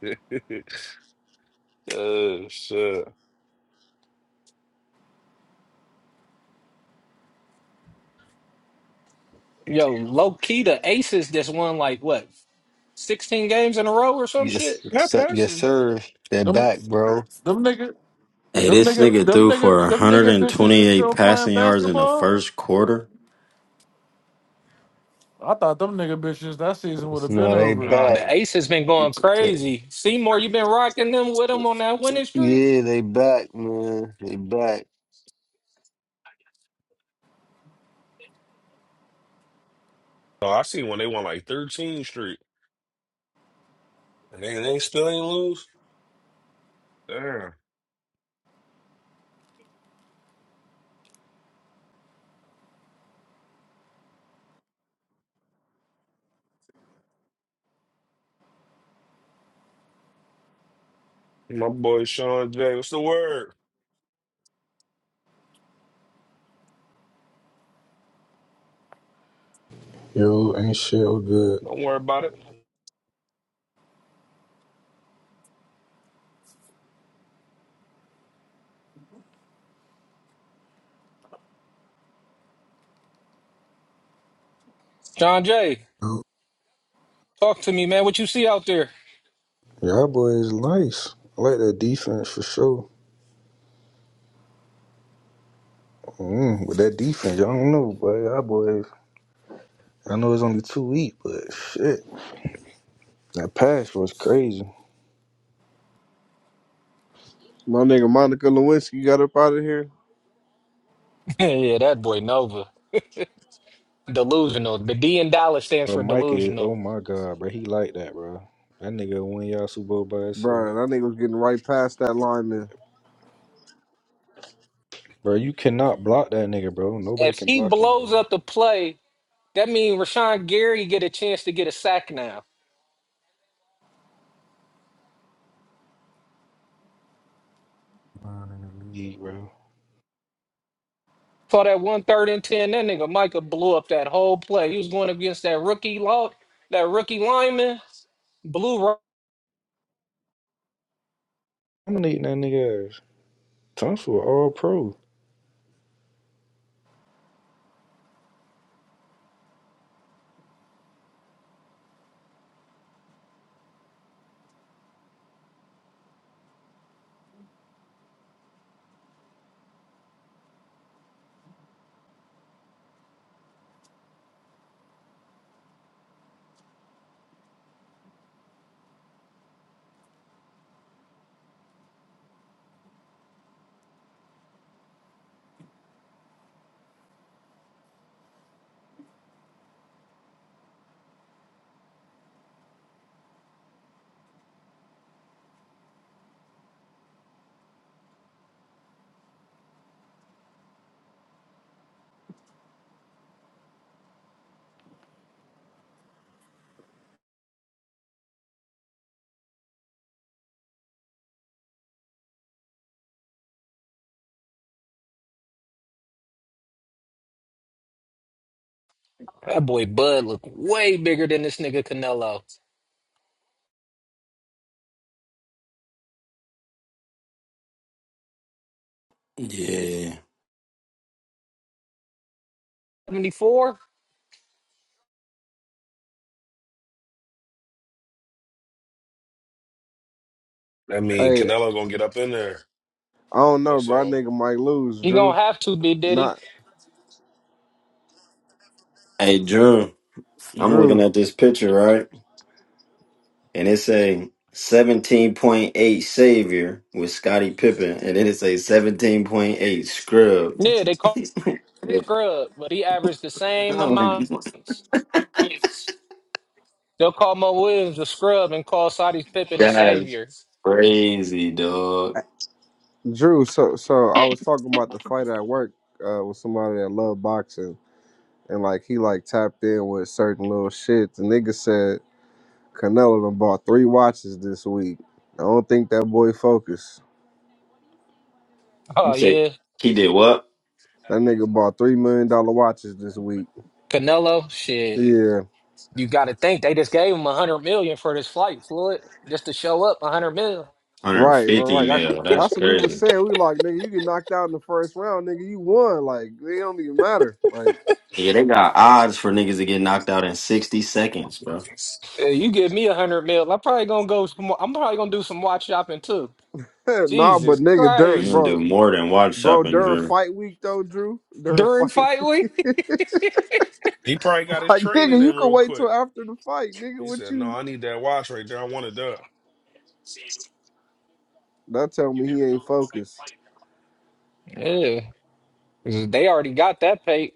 it. Oh shit.
Yo, low key, the Aces just won like what, 16 games in a row or some
Yes,
shit?
That
se- yes,
passing.
sir. They're
Them,
back, bro.
them nigga,
Hey,
them
this
nigga,
nigga
them
threw for
nigga, them nigga bitches is
128
still playing
passing yards in the
basketball.
first quarter.
I thought them nigga bitches that season would have been
No, they
over.
Oh, the
back.
ace has been going
They-
crazy. Seymour, you been rocking them with him on that winning streak.
yeah, they back, man. They back.
Oh, I seen when they won like 13 straight. And they, they still ain't lose. Damn. My boy Sean J. What's the word?
Yo, ain't shit all good.
Don't worry about it.
John Jay,
Yo,
talk to me, man. What you see out there?
Y'all boys nice. I like that defense for sure. Mm, with that defense, y'all don't know, but y'all boys, I know it's only two weeks, but shit, that pass was crazy.
My nigga Monica Lewinsky got up out of here,
yeah, that boy Nova. Delusional. The D in Dallas stands
But
for
Mike is, oh
delusional.
my god, bro, he like that, bro. That nigga win y'all Super Bowl by himself,
bro. That nigga was getting right past that lineman.
bro. You cannot block that nigga, bro. Nobody
If
can
he
block him,
blows
bro.
up the play, that means Rashawn Gary get a chance to get a sack now.
Line in the league, bro.
Saw that one third and ten. That nigga Micah blew up that whole play. He was going against that rookie law, that rookie lineman. Blue
I'm gonna eat that nigga ass. Tunsil, all pro.
That boy Bud looked way bigger than this nigga Canelo.
yeah.
74?
I mean,
Hey,
Canelo gonna get up in there.
I don't know,
That's
bro. That
all.
nigga might lose,
He
Drew.
gonna have to be Diddy.
Not
Hey, Drew, I'm looking
Drew.
at this picture, right? And it say 17.8 savior with Scottie Pippen, and then it say 17.8 scrub.
Yeah, they call him scrub, but he averaged the same amount.
Oh,
They'll call Mo Williams a scrub and call Sadiq Pippen the
That's
savior.
crazy, dog.
Drew. So, so I was talking about the fight at work uh, with somebody that loved boxing, and like he like tapped in with certain little shit. The nigga said Canelo done bought three watches this week. I don't think that boy focused.
Oh
You say
yeah,
he did what?
That nigga bought three million dollar watches this week.
Canelo, shit.
Yeah,
You got to think they just gave him a hundred million for this flight, Floyd, just to show up. A hundred mil.
right, right, right.
150
That,
mil. That's
that's what we was
crazy.
saying. We like, nigga, you get knocked out in the first round, nigga, you won. Like, it don't even matter. Like,
Yeah, they got odds for niggas to get knocked out in 60 seconds, bro.
Uh, you give me a hundred mil, I'm probably gonna go. Some, I'm probably gonna do some watch shopping too.
nah, but
Jesus
nigga,
You
during
Christ,
gonna
bro,
do more than watch
bro,
shopping,
during
Drew.
fight week though, Drew, during
during
fight
fight
week,
week.
He probably got his
like, nigga,
training
you
in
can
real
wait
quick.
till after the fight, nigga.
He
What
said, "No,
you?
I need that watch right there. I want it done."
That tell me he ain't focused
yeah, they already got that paid.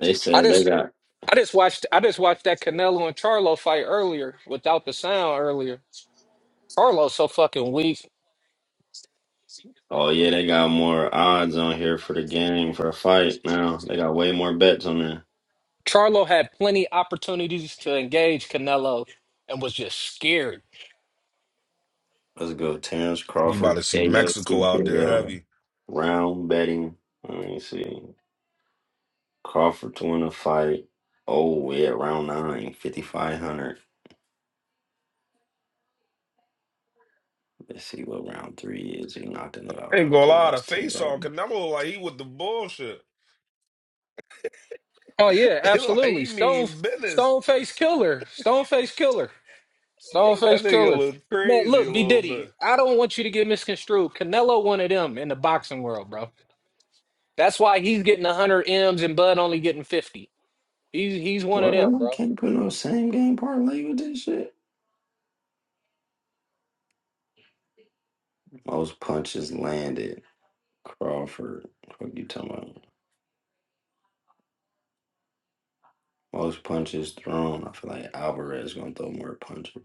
They
I
said they
just
got,
I just watched I just watched that Canelo and Charlo fight earlier without the sound earlier. Charlo's so fucking weak.
oh yeah, they got more odds on here for the game for a fight now. They got way more bets on there.
Charlo had plenty opportunities to engage Canelo and was just scared.
Let's go, Terrence
You about
Crawford,
to
KO,
see Mexico out there heavy.
round betting. Let me see. Crawford to win a fight. Oh, we're at round nine, fifty-five hundred. Let's see what round three is. He knocked in the
I
out
ain't
round
gonna
three.
lie, the
That's 10
face on
grand.
Canelo like he with the bullshit.
Oh yeah,
It like
absolutely.
he
Stone
mean business.
Stone Face Killer. Stone Face Killer.
Bro,
Stone
that
Face
nigga
Killer.
look
Man,
crazy a
look, B
little bit.
Diddy, I don't want you to get misconstrued. Canelo one of them in the boxing world, bro. That's why he's getting 100 M's and Bud only getting 50. He's he's one of
What?
them,
I
bro.
Can't put no same game parlay with this shit. Most punches landed. Crawford. What you talking about? Most punches thrown. I feel like Alvarez going to throw more punches.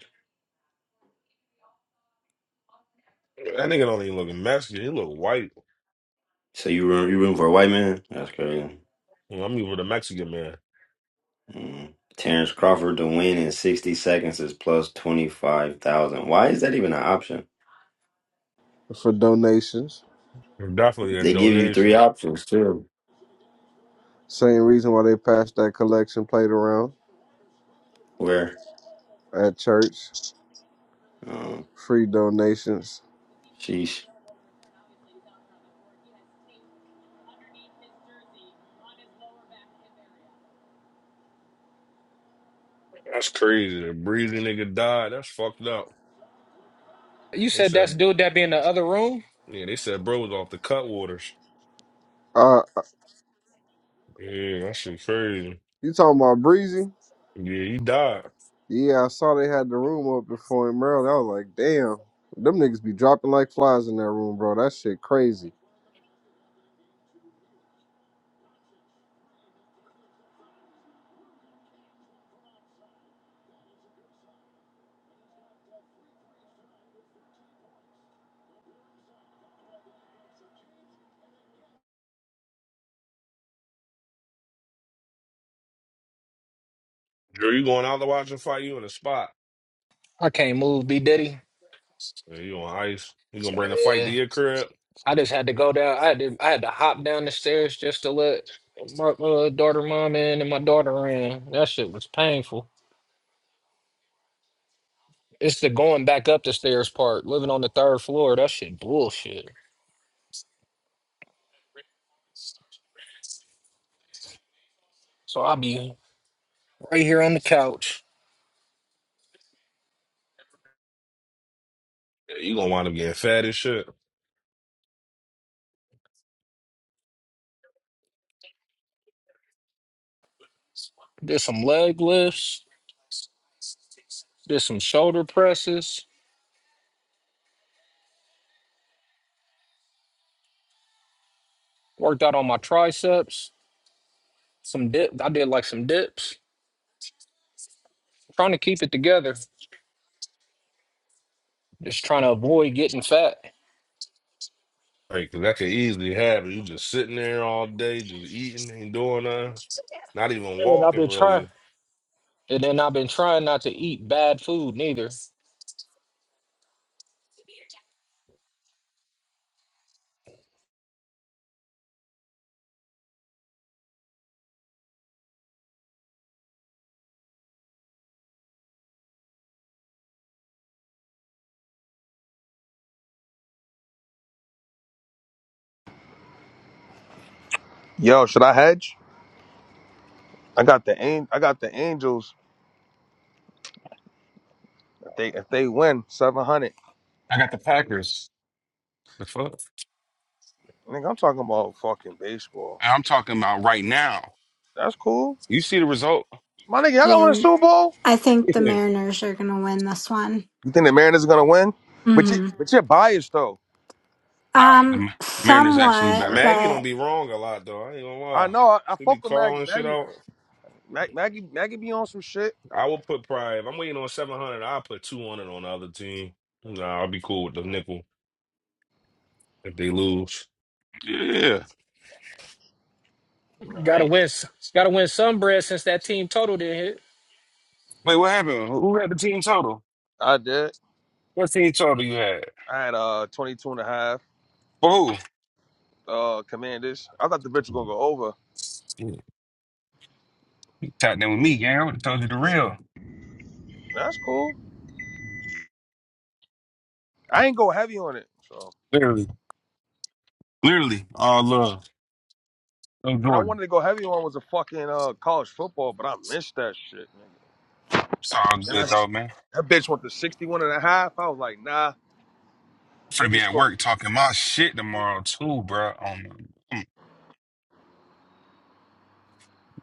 That nigga don't even look Mexican. He look white.
So you room, you room for a white man? That's crazy.
Well, I'm even with a Mexican man.
Mm. Terrence Crawford to win in 60 seconds is plus 25,000. Why is that even an option?
for donations.
Definitely a
They give you three
donation.
options too,
Same reason why they passed that collection plate around
where
at church,
um,
free donations.
sheesh.
That's crazy. The breezy nigga died. That's fucked up.
You
They
said that's
said,
dude that be in the other room?
yeah, they said bro was off the cutwaters.
Uh,
Yeah, that shit crazy.
You talking about Breezy?
Yeah, he died.
Yeah, I saw they had the room up before in Maryland. I was like, damn, them niggas be dropping like flies in that room, bro. That shit crazy.
Girl, you going out to watch a fight? You in the spot?
I can't move, B Diddy.
Yeah, you on ice? You gonna bring the fight to
Yeah,
your crib?
I just had to go down. I had to, I had to hop down the stairs just to let my uh, daughter mom in and my daughter in. That shit was painful. It's the going back up the stairs part. Living on the third floor, that shit bullshit. So I be right here on the couch.
Yeah, you gonna wind up getting fat as shit.
Did some leg lifts. Did some shoulder presses. Worked out on my triceps. Some dip. I did like some dips. Trying to keep it together. Just trying to avoid getting fat.
Like, 'cause that could easily happen. You just sitting there all day, just eating, ain't doing nothing, not even
And I've been
walking
trying.
really.
And then I've been trying not to eat bad food neither.
Yo, should I hedge? I got the An- I got the Angels. If they if they win seven hundred,
got the Packers. The fuck?
nigga, I'm talking about fucking baseball.
I'm talking about right now.
That's cool,
You see the result?
my nigga. Y'all gonna
Yeah,
win a
and
Super Bowl?
I think the
Yeah.
Mariners are gonna win this one.
You think the Mariners are gonna win? But you
hmm
but you're biased though.
Nah,
Um,
the Mariners actually
somewhat,
better.
Maggie
but
don't be wrong a lot though. I ain't gonna
I
lie.
know. I, I
She be
fuck with Maggie.
calling shit
Maggie
out.
Mag, Maggie Maggie be on some shit.
I will put probably if I'm waiting on seven hundred, I'll put two hundred on the other team. Nah, I'll be cool with the nickel if they lose.
Yeah.
No, I
Gotta
ain't.
win. s- Gotta win some bread since that team total did not hit.
Wait, what happened? Who had the team total?
I did.
What team total you had?
I had uh 22 and a half
For who?
uh Commanders. I thought the bitch was gonna go over.
Shit, you Tapped in with me, gang. I would have told you the real.
That's cool. I ain't go heavy on it. So
Literally. Literally. All love. No
what I
Jordan.
wanted to go heavy on was a fucking uh college football, but I missed that shit.
It's all
And I,
good, though, man.
that bitch went to 61 and a half. I was like, nah,
I'm finna be
niggas
at
scored.
work talking my shit tomorrow, too, bro.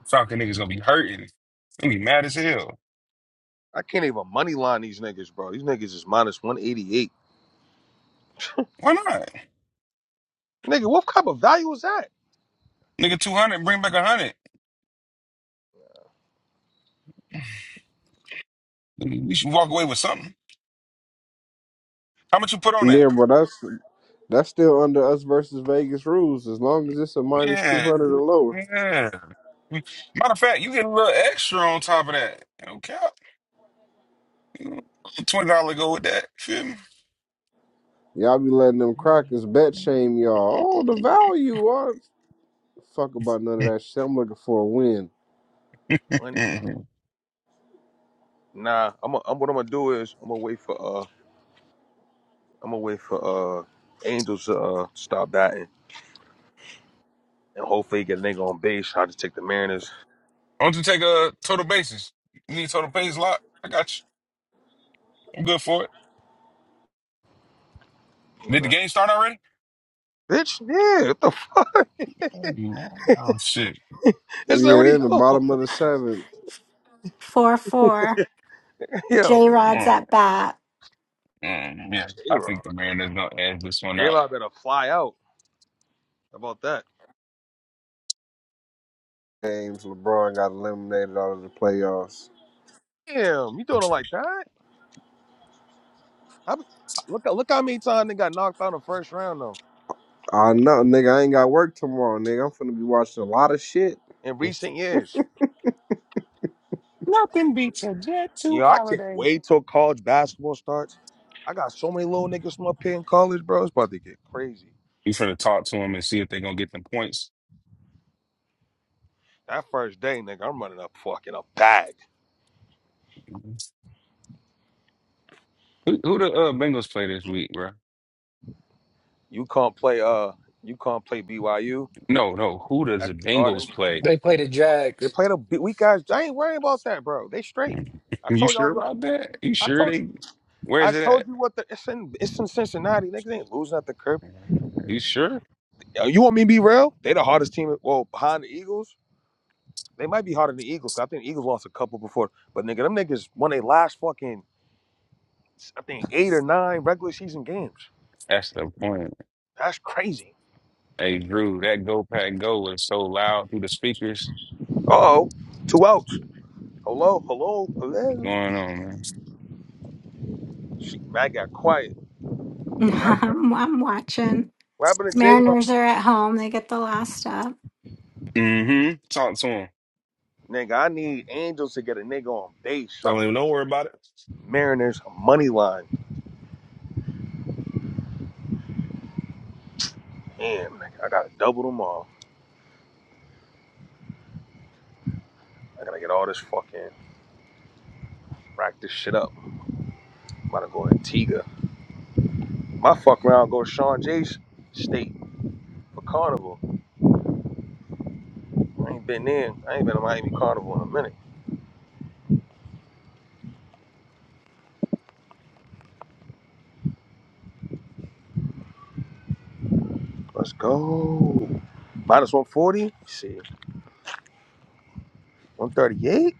Falcon niggas gonna be hurting. Gonna be mad as hell.
I can't even money line these niggas, bro. These niggas is minus 188.
Why not?
Nigga, what type of value is that?
Nigga, 200, bring back 100. We should walk away with something. How much you put on that?
Yeah, but that's that's still under us versus Vegas rules. As long as it's a minus two
Yeah.
hundred or lower,
Yeah. Matter of fact, you get a little extra on top of that. Okay. $20 go with that. Feel me?
y'all be letting them crackers bet shame y'all. Oh, the value. What? Fuck about none of that shit. I'm looking for a win.
When,
Mhm. Why
nah, I'm, i am i am what I'm gonna do is I'm gonna wait for uh I'm gonna wait for uh Angels to uh stop batting and hopefully get a nigga on base. I just take the Mariners.
don't you take a total basis? You need total basis lot? I got you. I'm good for it. Did the
Nah.
game start already?
Bitch, yeah, what the f-
Oh, shit.
it's
Yeah, they're
already
in the
on.
bottom of the seventh.
four four.
Yo,
J Rod's
Mm,
at bat.
mm, yeah,
J
I
Rod,
think the Mariners gonna edge this one out.
J Rod better fly out. How about that?
Games LeBron got eliminated out of the playoffs.
Damn, you doing it like that? I be, look look how many times they got knocked out in the first round though
I know, nigga. I ain't got work tomorrow, nigga. I'm finna be watching a lot of shit.
in recent years.
Nothing beats a Jet
yo,
2
I can't
holiday.
wait till college basketball starts. I got so many little niggas from up here in college, bro. It's about to get crazy.
You finna talk to them and see if they gonna get them points.
That first day, nigga, I'm running up fucking a bag.
Who, who the uh, Bengals play this week, bro?
You can't play uh you can't play BYU
No, no. Who does
at
the
the garden.
Bengals play?
They played the
They
Jags.
play the B- weak guys. I ain't worrying about that, bro. They straight. I
You
told y'all I
sure
was gonna-
about that? You
I
sure
told
they?
I
Where's it
told you what the it's in it's in Cincinnati. Niggas ain't losing at the crib.
at? You sure?
Yo, you want me to be real? They the hardest team well behind the Eagles. They might be harder than the Eagles. 'cause I think the Eagles lost a couple before. But nigga, them niggas won their last fucking, I think eight or nine regular season games.
That's the point.
That's crazy.
Hey, Drew, that Go Pack Go was so loud through the speakers.
Uh oh, two outs. Hello, hello,
What's
hello.
going on, man?
Shit, I got quiet. What happened
I'm, I'm watching.
to J Rock?
Mariners are at home. They get the last up.
Mm-hmm. Talk to him.
Nigga, I need Angels to get a nigga on base. So I
Don't even
can-
don't worry about it.
Mariners money line. Damn, nigga, I gotta double them all. I gotta get all this fucking rack this shit up. I'm about to go Antigua. My fuck round go Sean Jace State for Carnival. I ain't been in. I ain't been to Miami Carnival in a minute. Let's go. Minus 140. Shit. 138.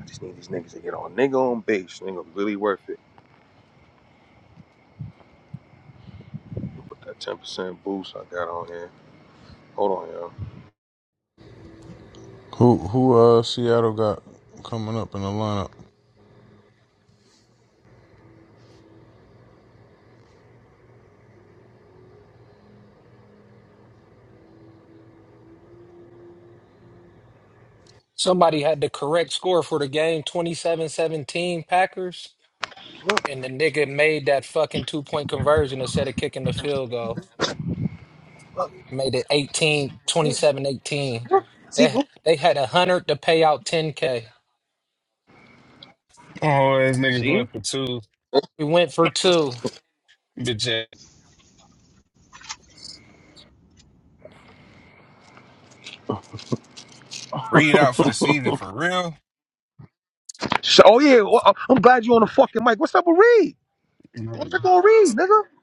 I just need these niggas to get on. Nigga on base. Nigga really worth it. Put that 10% boost I got on here. Hold on, yo.
Who who uh Seattle got coming up in the lineup?
Somebody had the correct score for the game, twenty-seven seventeen Packers,
Look,
and the nigga made that fucking two point conversion instead of kicking the field goal. Made it eighteen twenty-seven eighteen.
See?
They
look.
they had a hundred to pay out 10k.
Oh, these niggas
See?
went for two.
We went for two,
Bitch, ass. read out for the season for real.
Sh- Oh, yeah. Well, I- I'm glad you on the fucking mic. What's up with Reed? Go
Mhm.
check on Reed, nigga.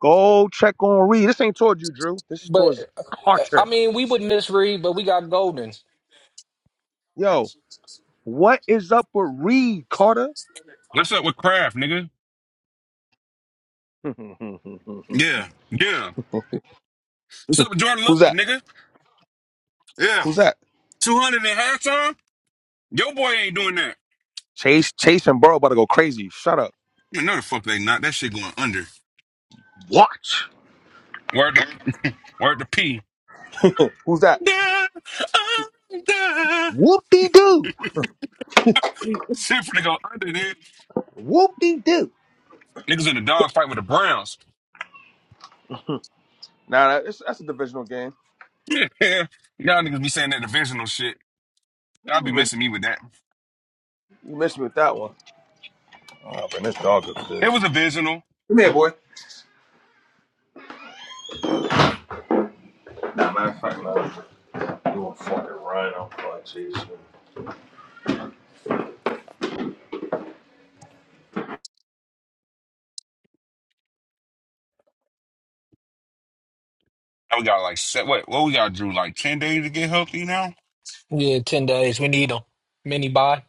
Go check on Reed. This ain't towards you, Drew. This is
but
towards
uh, I
Carter.
mean we would misread, but we got golden.
Yo, what is up with Reed, Carter?
What's up with Kraft, nigga?
Who's
Yeah, yeah. What's up with Jordan Love,
that?
nigga? Yeah.
Who's that?
200 in halftime? Your boy ain't doing that.
Chase, Chase, and Burrow about to go crazy. Shut up.
Man, no, the fuck they not. That shit going under.
Watch.
Word to, word to P.
Who's that?
Da, under.
Whoop de doo.
Shit for to go under, nigga.
Whoop de doo.
Niggas in the dog fight with the Browns.
Nah, that- that's, that's a divisional game.
Yeah. Y'all niggas be saying that divisional shit.
That's
Y'all
a
be
Division.
messing me with that.
You missed me with that one. Oh, man, this dog up to this.
It was a divisional.
Come here, boy. Nah, matter of fact, nah. You want fucking run. I'm fucking chasing.
I got like set. What? What we got, Drew? Like 10 days to get healthy now?
Yeah, ten days. We need them. Mini buy.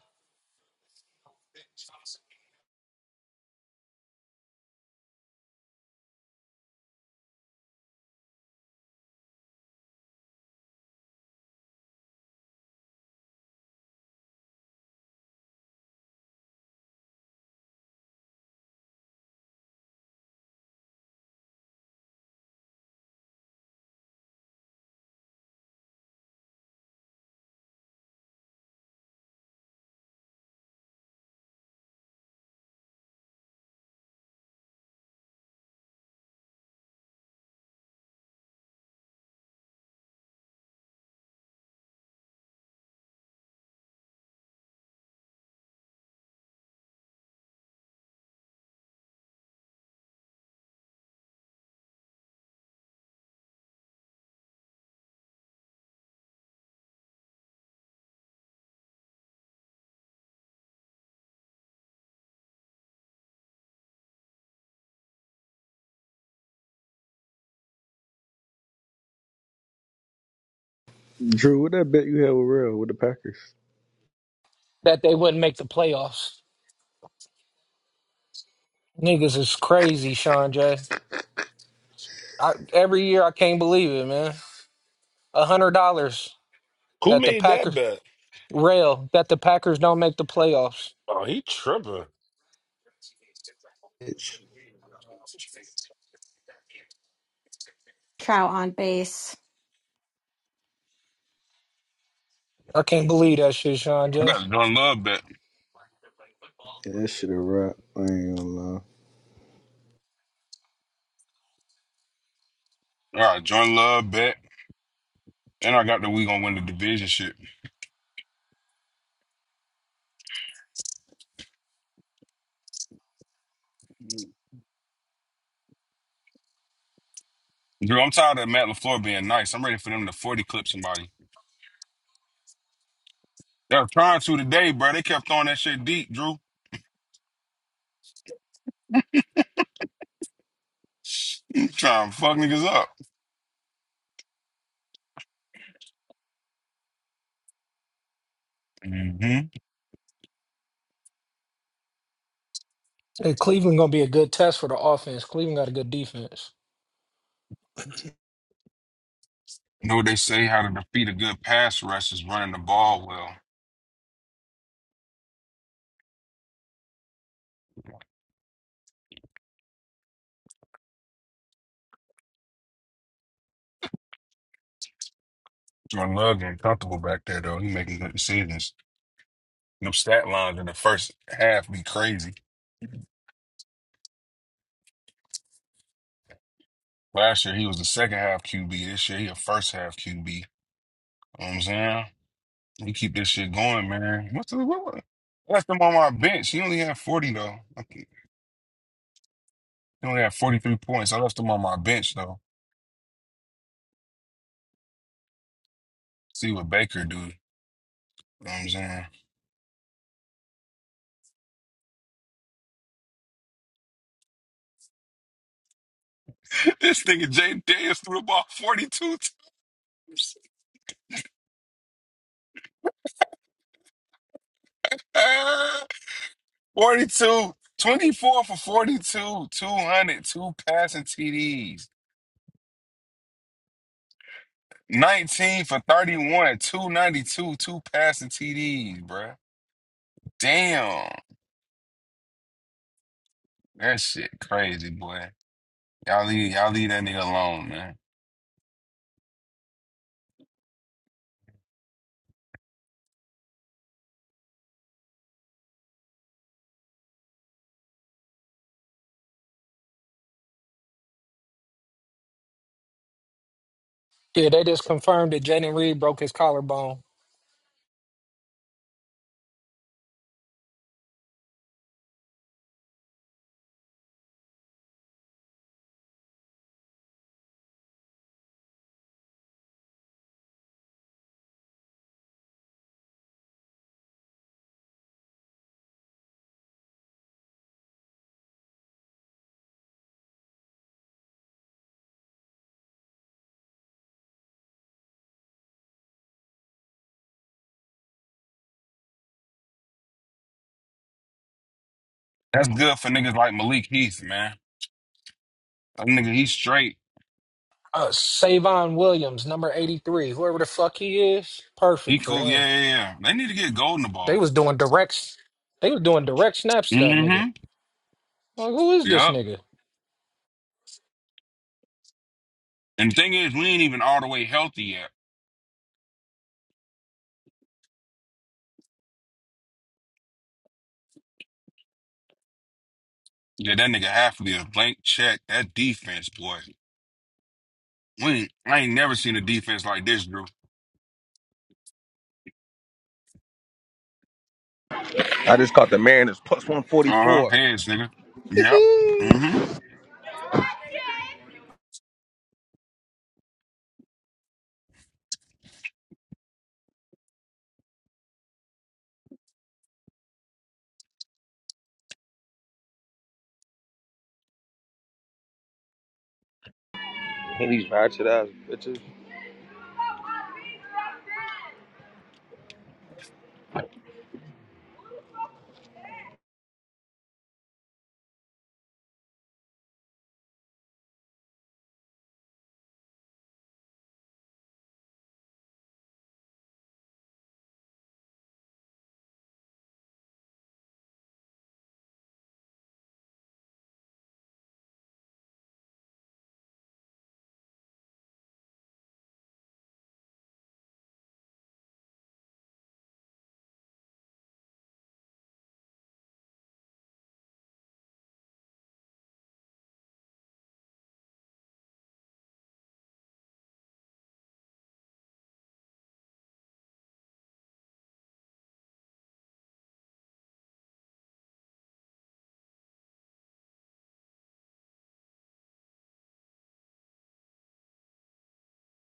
Drew, what that bet you had with Real with the Packers?
that they wouldn't make the playoffs. Niggas is crazy, Sean J. I, every year I can't believe it, man. A hundred dollars
Who
that the
made that
Packers
bet?
rail that the Packers don't make the playoffs.
Oh, he tripping.
Bitch.
Trout on base.
I can't believe that shit, Sean
I
J.
got a Jordan Love bet.
Yeah, that shit a wrap. I ain't gonna lie.
All right, Jordan Love bet. And I got that we gonna win the division shit. Drew, I'm tired of Matt LaFleur being nice. I'm ready for them to 40 clip somebody. They're trying to today, bro. They kept throwing that shit deep, Drew. trying to fuck niggas up. Mm-hmm.
Hey, Cleveland gonna be a good test for the offense. Cleveland got a good defense.
Know what they say how to defeat a good pass rush is running the ball well. Jordan Love getting comfortable back there, though. He making good decisions. Them stat lines in the first half be crazy. Last year, he was the second half QB. This year, he a first half QB. You know what I'm saying? We keep this shit going, man. What's the what? what- Left him on my bench. He only had 40, though. He only had 43 points. I left him on my bench, though. See what Baker do. You know what I'm saying? This nigga Jay Daniels threw the ball 42 times. Ah, 42. 24 for 42. 200. Two passing TDs. 19 for 31. 292. Two passing TDs, bruh. Damn. That shit crazy, boy. Y'all leave, y'all leave that nigga alone, man.
Yeah, they just confirmed that Jaden Reed broke his collarbone.
That's good for niggas like Malik Heath, man. That nigga, he's straight.
Uh, Savon Williams, number eighty-three, whoever the fuck he is,
He
perfect for
cool.
him.
Yeah, yeah, yeah. They need to get Golden the
They
ball.
was doing direct, they was doing direct snaps to that nigga.
Mm-hmm.
Like, who is this
Yep.
nigga?
And the thing is, we ain't even all the way healthy yet. Yeah, that nigga half a blank check. That defense, boy. We ain't, I ain't never seen a defense like this, Drew.
I just caught the man is plus
Uh-huh.
144.
Heads, nigga. Yep.
Hey, these ratchet ass bitches.